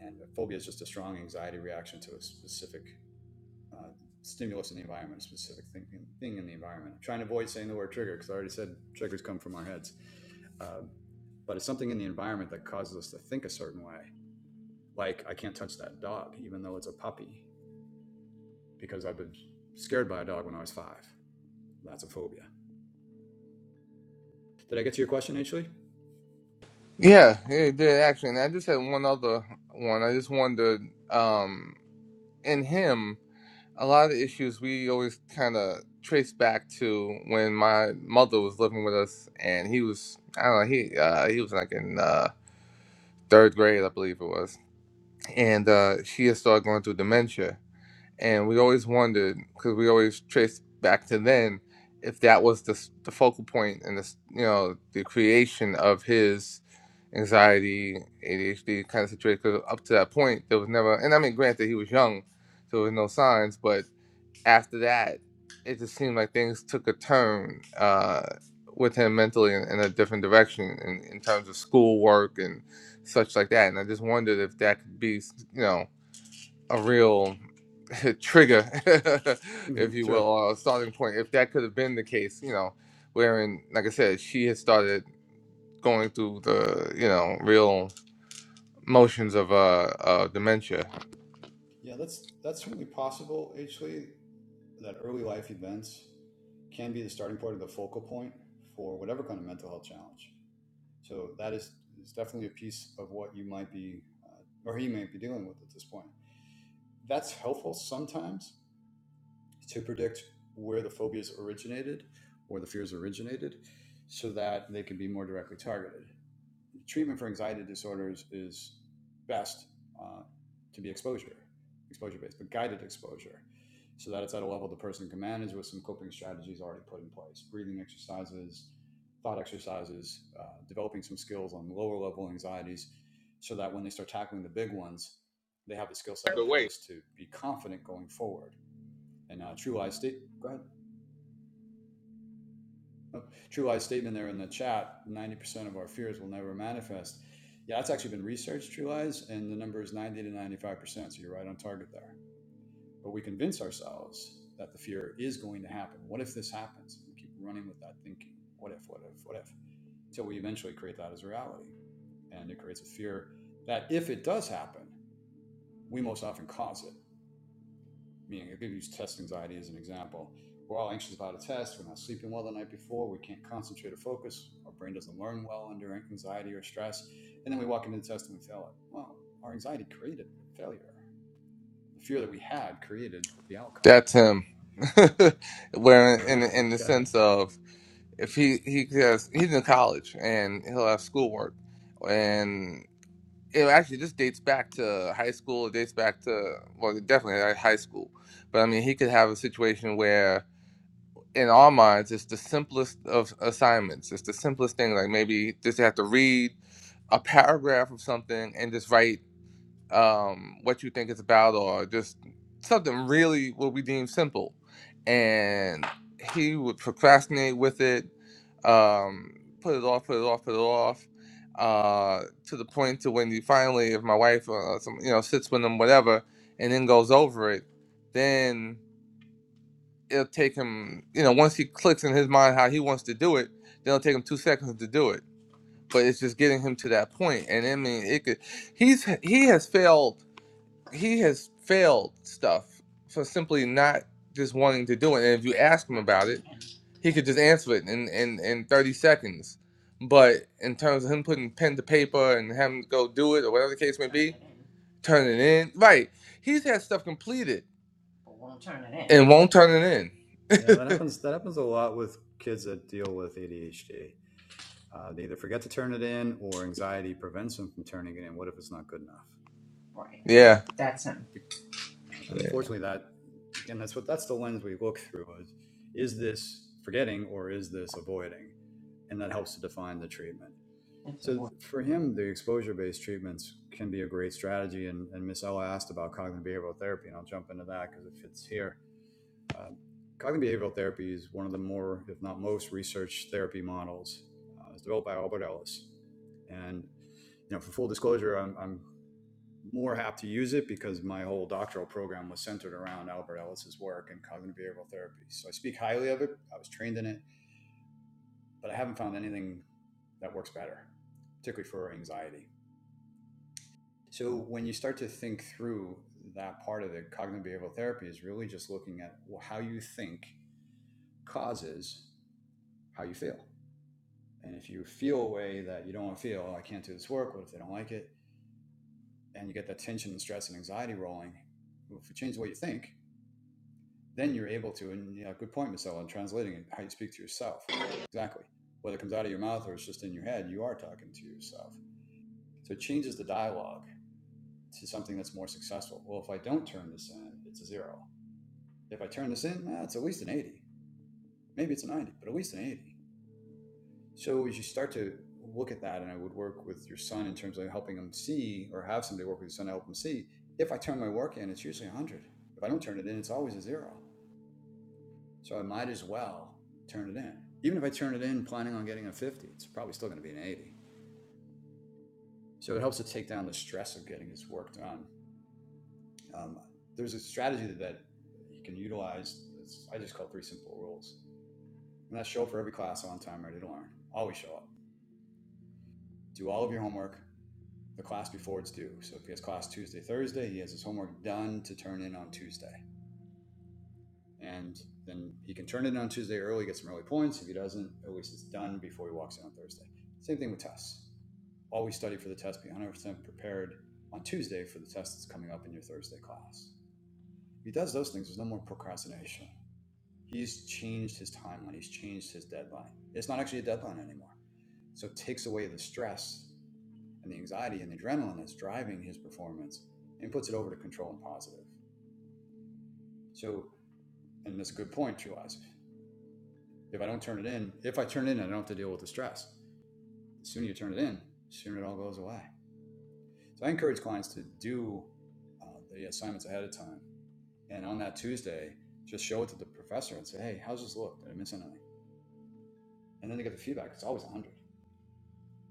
[SPEAKER 9] and a phobia is just a strong anxiety reaction to a specific uh, stimulus in the environment a specific thing, thing in the environment I'm trying to avoid saying the word trigger because i already said triggers come from our heads um, but it's something in the environment that causes us to think a certain way like I can't touch that dog, even though it's a puppy, because I've been scared by a dog when I was five. That's a phobia. Did I get to your question, Ashley?
[SPEAKER 14] Yeah, yeah, it did actually. And I just had one other one. I just wondered um, in him, a lot of the issues we always kind of trace back to when my mother was living with us, and he was I don't know he uh, he was like in uh, third grade, I believe it was, and uh, she had started going through dementia, and we always wondered because we always traced back to then if that was the s- the focal point and this you know the creation of his anxiety ADHD kind of situation. Because up to that point, there was never, and I mean, granted, he was young, so there was no signs, but after that, it just seemed like things took a turn uh, with him mentally in, in a different direction in, in terms of schoolwork and such like that. And I just wondered if that could be, s- you know a real trigger, if you will,
[SPEAKER 9] sure.
[SPEAKER 14] or a starting point. If that could have been the case, you know, wherein, like I said, she has started going through the, you know, real motions of uh, uh dementia.
[SPEAKER 9] Yeah, that's that's certainly possible, Ashley. that early life events can be the starting point or the focal point for whatever kind of mental health challenge. So that is, is definitely a piece of what you might be uh, or he may be dealing with at this point. That's helpful sometimes, to predict where the phobias originated or the fears originated so that they can be more directly targeted. The Treatment for anxiety disorders is best uh, to be exposure, exposure based, but guided exposure so that it's at a level the person can manage with some coping strategies already put in place, breathing exercises, thought exercises, uh, developing some skills on lower level anxieties so that when they start tackling the big ones, they have the skill
[SPEAKER 2] By
[SPEAKER 9] set in
[SPEAKER 2] the way,
[SPEAKER 9] place to be confident going forward and uh, True Lies state, go ahead. Oh, True Lies statement there in the chat: ninety percent of our fears will never manifest. Yeah, that's actually been researched, True Lies, and the number is ninety to ninety-five percent. So you're right on target there. But we convince ourselves that the fear is going to happen. What if this happens? We keep running with that thinking. What if? What if? What if? Till we eventually create that as reality, and it creates a fear that if it does happen, we most often cause it meaning I could use test anxiety as an example. We're all anxious about a test. We're not sleeping well the night before. We can't concentrate or focus. Our brain doesn't learn well under anxiety or stress. And then we walk into the test and we fail it. Well, our anxiety created the failure. The fear that we had created the outcome.
[SPEAKER 14] That's him.
[SPEAKER 9] Uh,
[SPEAKER 14] wherein, in in the
[SPEAKER 9] okay.
[SPEAKER 14] sense of if he he has he's in college and he'll have schoolwork, and it actually just dates back to high school. It dates back to well, definitely uh, high school. But I mean, he could have a situation where in our minds it's the simplest of assignments it's the simplest thing like maybe just have to read a paragraph of something and just write um, what you think it's about or just something really what we deem simple and he would procrastinate with it um, put it off put it off put it off uh, to the point to when you finally if my wife uh, some, you know sits with him whatever and then goes over it then it'll take him, you know, once he clicks in his mind how he wants to do it, then it'll take him two seconds to do it. But it's just getting him to that point. And I mean, it could. He's he has failed. He has failed stuff for simply not just wanting to do it. And if you ask him about it, he could just answer it in in in thirty seconds. But in terms of him putting pen to paper and having to go do it or whatever the case may be, turn it in. Right. He's had stuff completed but won't turn it in, and won't turn it in.
[SPEAKER 9] Yeah, that happens. That happens a lot with kids that deal with ADHD. Uh, they either forget to turn it in, or anxiety prevents them from turning it in. What if it's not good enough? And
[SPEAKER 14] Yeah.
[SPEAKER 9] Yeah, and
[SPEAKER 14] Yeah.
[SPEAKER 9] unfortunately, that again, that's what that's the lens we look through is is this forgetting or is this avoiding, and that helps to define the treatment. So for him, the exposure-based treatments can be a great strategy. And, and Miss Ella asked about cognitive behavioral therapy, and I'll jump into that because it fits here. Um, cognitive behavioral therapy is one of the more, if not most, research therapy models. Uh, it's developed by Albert Ellis, and you know, for full disclosure, I'm, I'm more apt to use it because my whole doctoral program was centered around Albert Ellis's work in cognitive behavioral therapy. So I speak highly of it. I was trained in it, but I haven't found anything that works better, particularly for anxiety. So when you start to think through that part of it, cognitive behavioral therapy is really just looking at well, how you think causes how you feel. And if you feel a way that you don't want to feel, "Oh, I can't do this work, what if they don't like it? And you get that tension and stress and anxiety rolling. Well, if you change the way you think, then you're able to and you good point Marcel on translating and how you speak to yourself exactly whether it comes out of your mouth or it's just in your head you are talking to yourself so it changes the dialogue to something that's more successful well if I don't turn this in it's a zero if I turn this in nah, it's at least an 80 maybe it's a 90 but at least an 80 so as you start to look at that and I would work with your son in terms of helping him see or have somebody work with your son to help him see if I turn my work in it's usually 100 if I don't turn it in it's always a zero So I might as well turn it in. Even if I turn it in planning on getting a 50, it's probably still going to be an 80. So it helps to take down the stress of getting this work done. Um, there's a strategy that you can utilize. It's, I just call three simple rules. And that's show up for every class on time, ready to learn. Always show up. Do all of your homework the class before it's due. So if he has class Tuesday, Thursday, he has his homework done to turn in on Tuesday. And then he can turn it in on Tuesday early, get some early points. If he doesn't, at least it's done before he walks in on Thursday. Same thing with tests. always study for the test, be 100% prepared on Tuesday for the test that's coming up in your Thursday class. If he does those things, there's no more procrastination. He's changed his timeline, he's changed his deadline. It's not actually a deadline anymore. So it takes away the stress and the anxiety and the adrenaline that's driving his performance and puts it over to control and positive. So, and that's a good point, Jules. If I don't turn it in, if I turn it in, I don't have to deal with the stress. The sooner you turn it in, the sooner it all goes away. So I encourage clients to do uh, the assignments ahead of time and on that Tuesday, just show it to the professor and say, hey, how's this look? Did I miss anything? And then they get the feedback. It's always 100.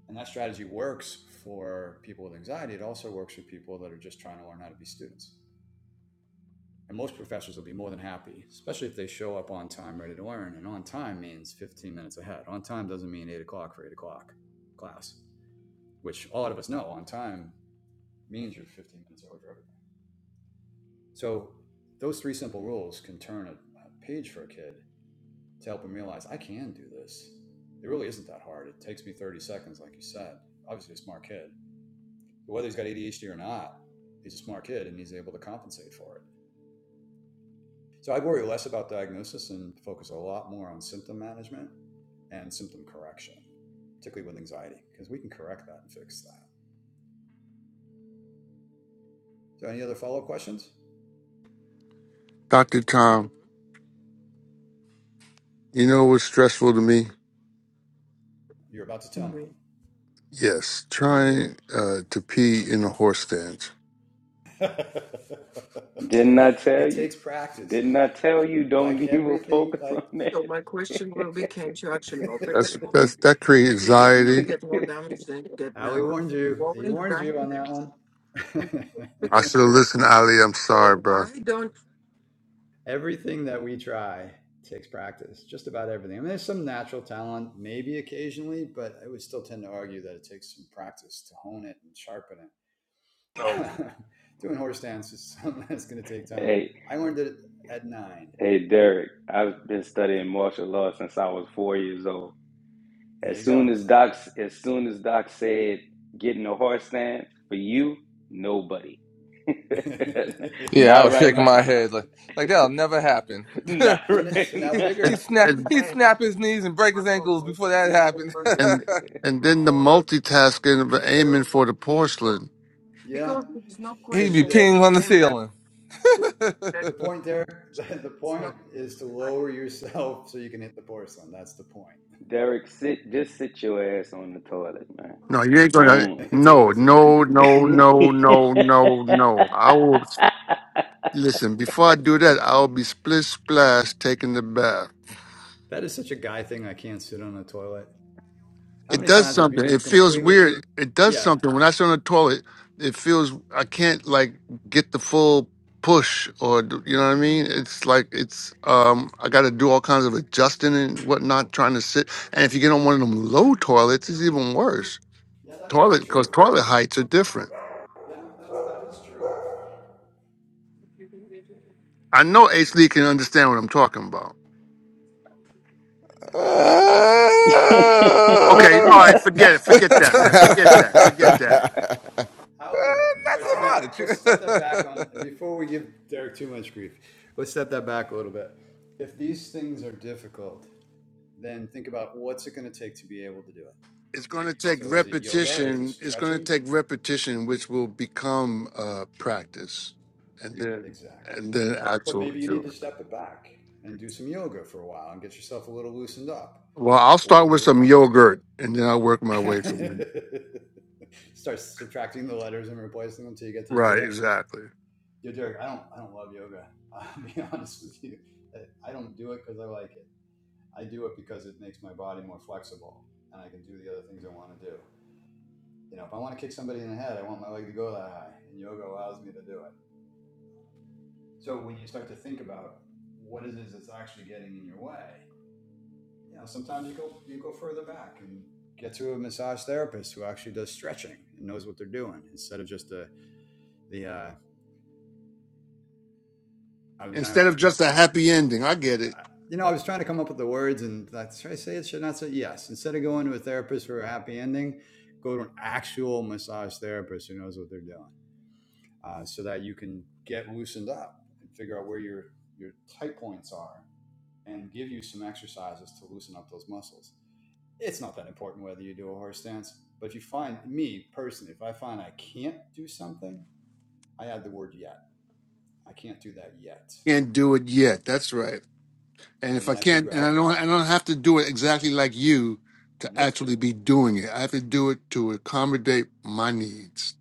[SPEAKER 9] And that strategy works for people with anxiety. It also works for people that are just trying to learn how to be students. And most professors will be more than happy, especially if they show up on time, ready to learn. And on time means 15 minutes ahead. On time doesn't mean eight o'clock for eight o'clock class, which a lot of us know on time means you're 15 minutes over for everything. So those three simple rules can turn a, a page for a kid to help them realize I can do this. It really isn't that hard. It takes me 30 seconds, like you said. Obviously, a smart kid. But whether he's got ADHD or not, he's a smart kid and he's able to compensate for it. So I worry less about diagnosis and focus a lot more on symptom management and symptom correction, particularly with anxiety, because we can correct that and fix that. So, any other follow up questions?
[SPEAKER 10] Dr. Tom, you know what's stressful to me?
[SPEAKER 9] You're about to tell me.
[SPEAKER 10] Yes, trying uh, to pee in a horse stance.
[SPEAKER 6] Didn't I tell
[SPEAKER 9] it
[SPEAKER 6] you?
[SPEAKER 9] takes practice,
[SPEAKER 6] Didn't I tell you
[SPEAKER 9] like
[SPEAKER 6] don't even
[SPEAKER 9] everything,
[SPEAKER 6] focus
[SPEAKER 9] like
[SPEAKER 6] on that?
[SPEAKER 10] That's, that's that creates anxiety.
[SPEAKER 9] Ali warned you. He warned you
[SPEAKER 10] I
[SPEAKER 9] on that one.
[SPEAKER 10] should have listened, Ali. I'm sorry, so bro.
[SPEAKER 9] everything that we try takes practice, just about everything. I mean, there's some natural talent, maybe occasionally, but I would still tend to argue that it takes some practice to hone it and sharpen
[SPEAKER 2] so
[SPEAKER 9] it. Doing horse dance is something that's going to take time.
[SPEAKER 6] Hey,
[SPEAKER 9] I learned it at nine,
[SPEAKER 6] hey, Derek, I've been studying
[SPEAKER 9] and
[SPEAKER 6] martial law since I was four years old.
[SPEAKER 9] there
[SPEAKER 6] As
[SPEAKER 9] you
[SPEAKER 6] soon
[SPEAKER 9] go.
[SPEAKER 6] as Doc, as soon as Doc said getting a horse stand for you, nobody.
[SPEAKER 14] Yeah, I
[SPEAKER 6] Not
[SPEAKER 14] was
[SPEAKER 6] right
[SPEAKER 14] shaking my
[SPEAKER 6] now.
[SPEAKER 14] head like like that'll never happen.
[SPEAKER 6] Not
[SPEAKER 9] so, so
[SPEAKER 6] right
[SPEAKER 9] now
[SPEAKER 14] he he
[SPEAKER 6] now.
[SPEAKER 10] And
[SPEAKER 9] bigger,
[SPEAKER 14] snap
[SPEAKER 10] and
[SPEAKER 14] he snap his knees and break his ankles before that happened.
[SPEAKER 10] and, and then the multitasking of aiming for the porcelain.
[SPEAKER 9] yeah. So
[SPEAKER 14] He'd be
[SPEAKER 9] the
[SPEAKER 14] peeing on the ceiling.
[SPEAKER 9] The point there, the point is to lower yourself so you can hit the porcelain. That's the point.
[SPEAKER 6] Derek, sit just sit your ass on the toilet, man.
[SPEAKER 10] No, you ain't gonna.
[SPEAKER 6] Don't.
[SPEAKER 9] It's a
[SPEAKER 10] No,
[SPEAKER 9] little simpler.
[SPEAKER 10] no, no, no, no, no, no. I will listen. Before I do that, I'll be split splash taking the bath.
[SPEAKER 9] That is such a guy thing. I can't sit on a toilet. How
[SPEAKER 10] It
[SPEAKER 9] many
[SPEAKER 10] does
[SPEAKER 9] times have you
[SPEAKER 10] something.
[SPEAKER 9] been
[SPEAKER 10] It feels
[SPEAKER 9] completely?
[SPEAKER 10] weird. It does
[SPEAKER 9] Yeah.
[SPEAKER 10] something when I sit on the toilet. It feels I can't like get the full push or d- you know what I mean. It's like it's um I got to do all kinds of adjusting and whatnot trying to sit. And if you get on one of them low toilets, it's even worse.
[SPEAKER 9] Yeah, that may be
[SPEAKER 10] Toilet because
[SPEAKER 9] true.
[SPEAKER 10] toilet heights are different.
[SPEAKER 9] Yeah, that's, that is true. I
[SPEAKER 10] I know Ace Lee can understand what I'm talking about.
[SPEAKER 9] can definitely understand what you're talking about.
[SPEAKER 10] Okay, all right, forget it.
[SPEAKER 9] However,
[SPEAKER 10] Forget that, man.
[SPEAKER 7] I
[SPEAKER 10] Forget that. Forget that.
[SPEAKER 9] however, all right, so now
[SPEAKER 14] not
[SPEAKER 9] let's step that back
[SPEAKER 14] so
[SPEAKER 9] on
[SPEAKER 14] much.
[SPEAKER 9] before we give Derek too much grief. Let's step that back a little bit. If these things are difficult, then think about what's it going to take to be able to do it.
[SPEAKER 10] It's going to take
[SPEAKER 9] So is it yoga? Is it
[SPEAKER 10] repetition. It's going to
[SPEAKER 9] stretching?
[SPEAKER 10] take repetition, which will become uh, practice, and then
[SPEAKER 9] Exactly.
[SPEAKER 10] and then
[SPEAKER 9] But
[SPEAKER 10] actual.
[SPEAKER 9] maybe you need to step it back and do some yoga for a while and get yourself a little loosened up
[SPEAKER 10] Well, I'll
[SPEAKER 9] or a
[SPEAKER 10] start
[SPEAKER 9] little
[SPEAKER 10] with
[SPEAKER 9] bit
[SPEAKER 10] some
[SPEAKER 9] more exercise.
[SPEAKER 10] yogurt, and then I'll work my way from there.
[SPEAKER 9] Start subtracting the letters and replacing them until you get to
[SPEAKER 10] Right,
[SPEAKER 9] yoga.
[SPEAKER 10] exactly.
[SPEAKER 9] Yo, Derek, I don't, I don't love yoga. I'll be honest with you. I I don't do it because I like it. I do it because it makes my body more flexible and I can do the other things I want to do. You know, if I want to kick somebody in the head, I want my leg to go that high, and yoga allows me to do it. So when you start to think about what it is that's actually getting in your way, you know, sometimes you go you go further back and get to a massage therapist who actually does stretching and knows what they're doing instead of just the the uh, I mean, I
[SPEAKER 10] Instead of
[SPEAKER 9] actually,
[SPEAKER 10] just a happy ending, I get it.
[SPEAKER 9] you know, I was trying to come up with the words and that's should I say it? Should I not say yes? Instead of going to a therapist for a happy ending, go to an actual massage therapist who knows what they're doing, uh, so that you can get loosened up and figure out where your your tight points are and give you some exercises to loosen up those muscles. It's not that important whether you do a horse stance, but if you find me personally, if I find I can't do something, I add the word yet. I can't do that yet.
[SPEAKER 10] Can't do it yet. That's right. and
[SPEAKER 9] And
[SPEAKER 10] if I
[SPEAKER 9] then I
[SPEAKER 10] can't,
[SPEAKER 9] figure
[SPEAKER 10] and
[SPEAKER 9] out,
[SPEAKER 10] I don't, I don't have to do it exactly like you to
[SPEAKER 9] nope,
[SPEAKER 10] actually be doing it. I have to do it to accommodate my needs,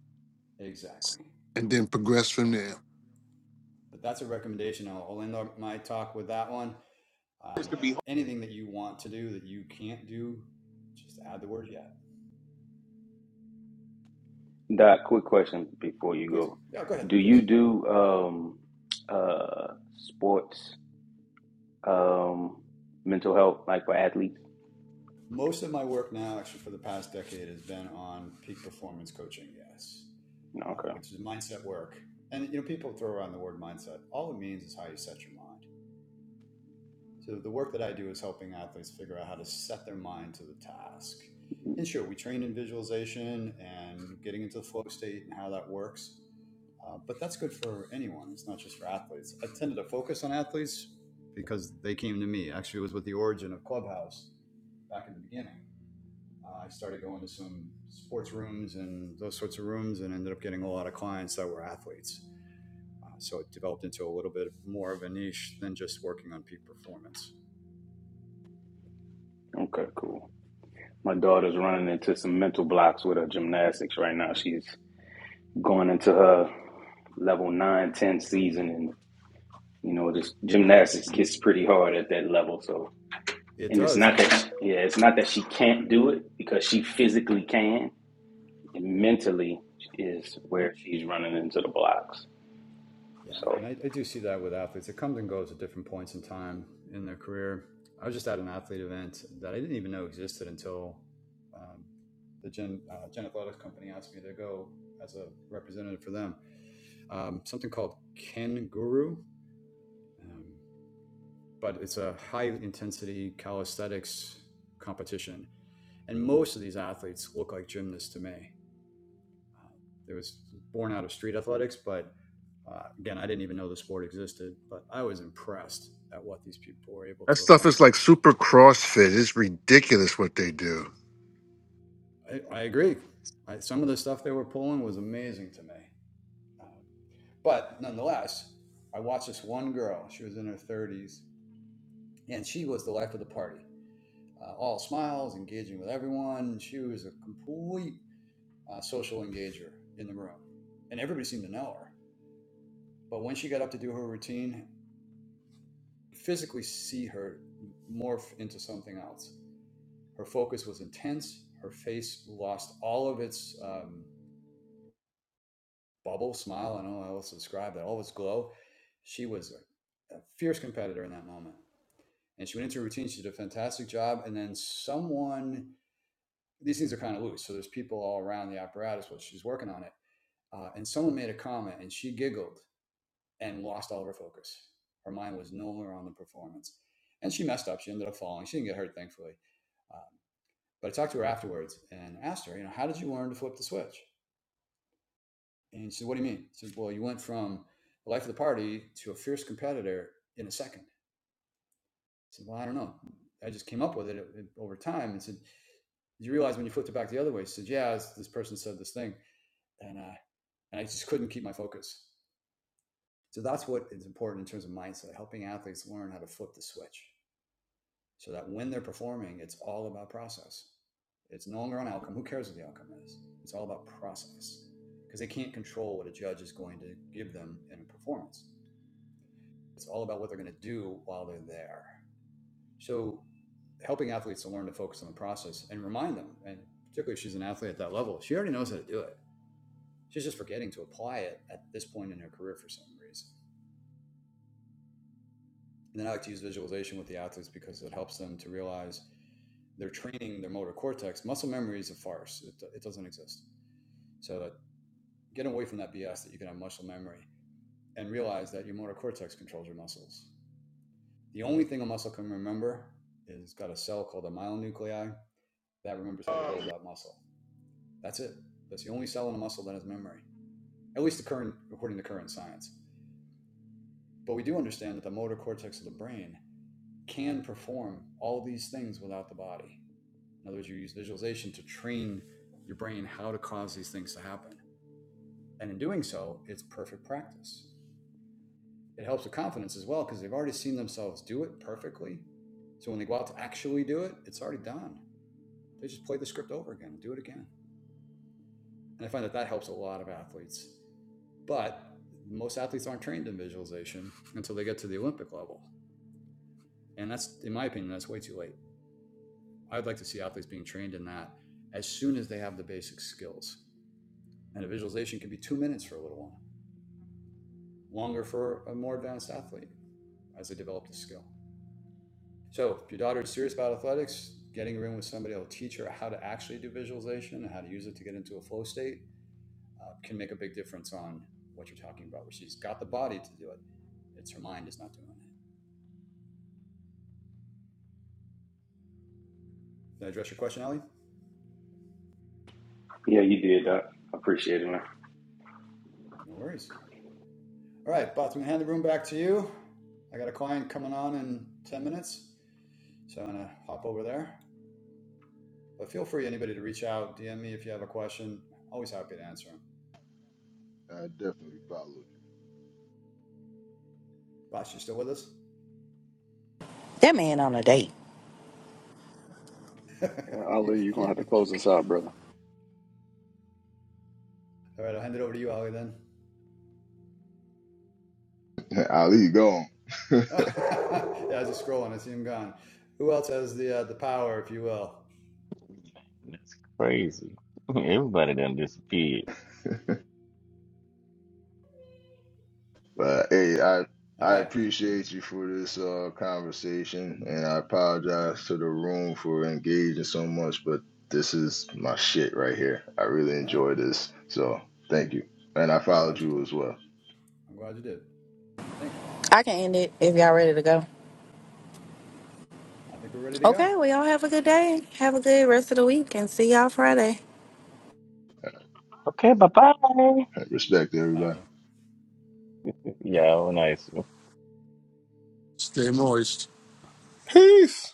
[SPEAKER 9] exactly,
[SPEAKER 10] and then progress
[SPEAKER 9] exactly.
[SPEAKER 10] from there.
[SPEAKER 9] But that's a recommendation. I'll, I'll end up my talk with that one. Um, anything that you want to do that you can't do, just add the word yet.
[SPEAKER 6] Doc, quick question before you
[SPEAKER 9] Please.
[SPEAKER 6] go.
[SPEAKER 9] Yeah, go ahead,
[SPEAKER 6] Do you
[SPEAKER 9] please.
[SPEAKER 6] do um uh sports? Um, mental health, like for athletes.
[SPEAKER 9] most of my work now, actually for the past decade, has been on peak performance coaching. Yes,
[SPEAKER 6] No,
[SPEAKER 9] uh,
[SPEAKER 6] okay,
[SPEAKER 9] which is mindset work. And you know, people throw around the word mindset. All it means is how you set your mind. So the work that I do is helping athletes figure out how to set their mind to the task. And sure, we train in visualization and getting into the flow state and how that works. Uh, but that's good for anyone. It's not just for athletes. I tended to focus on athletes because they came to me. Actually, it was with the origin of Clubhouse back in the beginning uh, I started going to some sports rooms and those sorts of rooms and ended up getting a lot of clients that were athletes. Uh, so it developed into a little bit more of a niche than just working on peak performance.
[SPEAKER 6] okay, cool. My daughter's running into some mental blocks with her gymnastics right now. She's going into her level nine, ten season, and you know, this gymnastics gets pretty hard at that level. So,
[SPEAKER 9] It
[SPEAKER 6] and it's
[SPEAKER 9] does.
[SPEAKER 6] not that, yeah, it's not that she can't do it because she physically can, and mentally is where she's running into the blocks.
[SPEAKER 9] Yeah.
[SPEAKER 6] So,
[SPEAKER 9] And I, I do see that with athletes. It comes and goes at different points in time in their career. I was just at an athlete event that I didn't even know existed until um, the Gen, uh, Gen Athletics Company asked me to go as a representative for them. Um, something called Ken Guru. Um, but it's a high intensity calisthenics competition. And most of these athletes look like gymnasts to me. Uh, it was born out of street athletics, but uh, again, I didn't even know the sport existed, but I was impressed at what these people were able
[SPEAKER 10] That
[SPEAKER 9] to
[SPEAKER 10] stuff is like
[SPEAKER 9] accomplish.
[SPEAKER 10] super CrossFit. It's ridiculous what they do.
[SPEAKER 9] I, I agree. I, some of the stuff they were pulling was amazing to me. Um, but nonetheless, I watched this one girl. She was in her 30s, and she was the life of the party. uh, all smiles, engaging with everyone. She was a complete uh, social engager in the room, and everybody seemed to know her. But when she got up to do her routine, physically see her morph into something else. Her focus was intense. Her face lost all of its um, bubble, smile. I don't know how else to describe that. All of its glow. She was a, a fierce competitor in that moment. And she went into her routine. She did a fantastic job. And then someone, these things are kind of loose. So there's people all around the apparatus while she's working on it uh, and someone made a comment and she giggled and lost all of her focus. Her mind was no longer on the performance. And she messed up. She ended up falling. She didn't get hurt, thankfully. Um, but I talked to her afterwards and asked her, you know, how did you learn to flip the switch? And she said, what do you mean? I said, well, you went from the life of the party to a fierce competitor in a second. I said, well, I don't know. I just came up with it, uh, over time and said, did you realize when you flipped it back the other way? She said, yeah, this this person said this thing. And, uh, and I just couldn't keep my focus. So that's what is important in terms of mindset, helping athletes learn how to flip the switch so that when they're performing, it's all about process. It's no longer on outcome. Who cares what the outcome is? It's all about process because they can't control what a judge is going to give them in a performance. It's all about what they're going to do while they're there. So helping athletes to learn to focus on the process and remind them, and particularly if she's an athlete at that level, she already knows how to do it. She's just forgetting to apply it at this point in her career for some reason. And then I like to use visualization with the athletes because it helps them to realize they're training their motor cortex. Muscle memory is a farce, it, it doesn't exist. So that get away from that BS that you can have muscle memory and realize that your motor cortex controls your muscles. The only thing a muscle can remember is it's got a cell called a myonuclei that remembers how to build that muscle. That's it. That's the only cell in a muscle that has memory, at least the current, according to current science. But we do understand that the motor cortex of the brain can perform all these things without the body. In other words, you use visualization to train your brain how to cause these things to happen. And in doing so, it's perfect practice. It helps with confidence as well because they've already seen themselves do it perfectly. So when they go out to actually do it, it's already done. They just play the script over again and do it again. And I find that that helps a lot of athletes. But most athletes aren't trained in visualization until they get to the Olympic level. And that's, in my opinion, that's way too late. I'd like to see athletes being trained in that as soon as they have the basic skills. And a visualization can be two minutes for a little one, longer for a more advanced athlete as they develop the skill. So if your daughter is serious about athletics, getting a room with somebody that will teach her how to actually do visualization and how to use it to get into a flow state uh, can make a big difference on what you're talking about, where she's got the body to do it. It's her mind is not doing it. Did I address your question, Ellie?
[SPEAKER 6] yeah, you did that. I appreciate it, man.
[SPEAKER 9] No worries. All right, Bob, I'm going to hand the room back to you. I got a client coming on in 10 minutes, so I'm going to hop over there. But feel free, anybody, to reach out, DM me if you have a question. Always happy to answer them.
[SPEAKER 7] definitely followed
[SPEAKER 9] Bosh, you still with us?
[SPEAKER 1] That man on a date.
[SPEAKER 9] All
[SPEAKER 5] Yeah, Ali, you're gonna have to close this out, brother.
[SPEAKER 9] right, I'll hand it over to you, Ali. then.
[SPEAKER 7] you. Ali, go on.
[SPEAKER 9] yeah, I was just scrolling. I see him gone. Who else has the uh, the power, if you will?
[SPEAKER 11] That's crazy. Everybody done disappeared.
[SPEAKER 7] But hey, I
[SPEAKER 9] All
[SPEAKER 7] I
[SPEAKER 9] right.
[SPEAKER 7] appreciate you for this uh, conversation, and I apologize to the room for engaging so much. But this is my shit right here. I really
[SPEAKER 9] No,
[SPEAKER 7] enjoy this, so thank you. And I
[SPEAKER 9] I'm
[SPEAKER 7] followed
[SPEAKER 9] glad you
[SPEAKER 7] you
[SPEAKER 9] did.
[SPEAKER 7] as well.
[SPEAKER 9] I'm glad you did. Thank you.
[SPEAKER 1] I can end it if y'all ready to go.
[SPEAKER 9] I think we're ready to go.
[SPEAKER 1] Okay, well, y'all have a good day. Have a good rest of the week and see y'all Friday.
[SPEAKER 11] Okay, bye bye.
[SPEAKER 7] Respect to
[SPEAKER 9] Bye,
[SPEAKER 7] everybody.
[SPEAKER 9] everyone.
[SPEAKER 11] Y'all nice.
[SPEAKER 10] Stay moist.
[SPEAKER 14] Peace.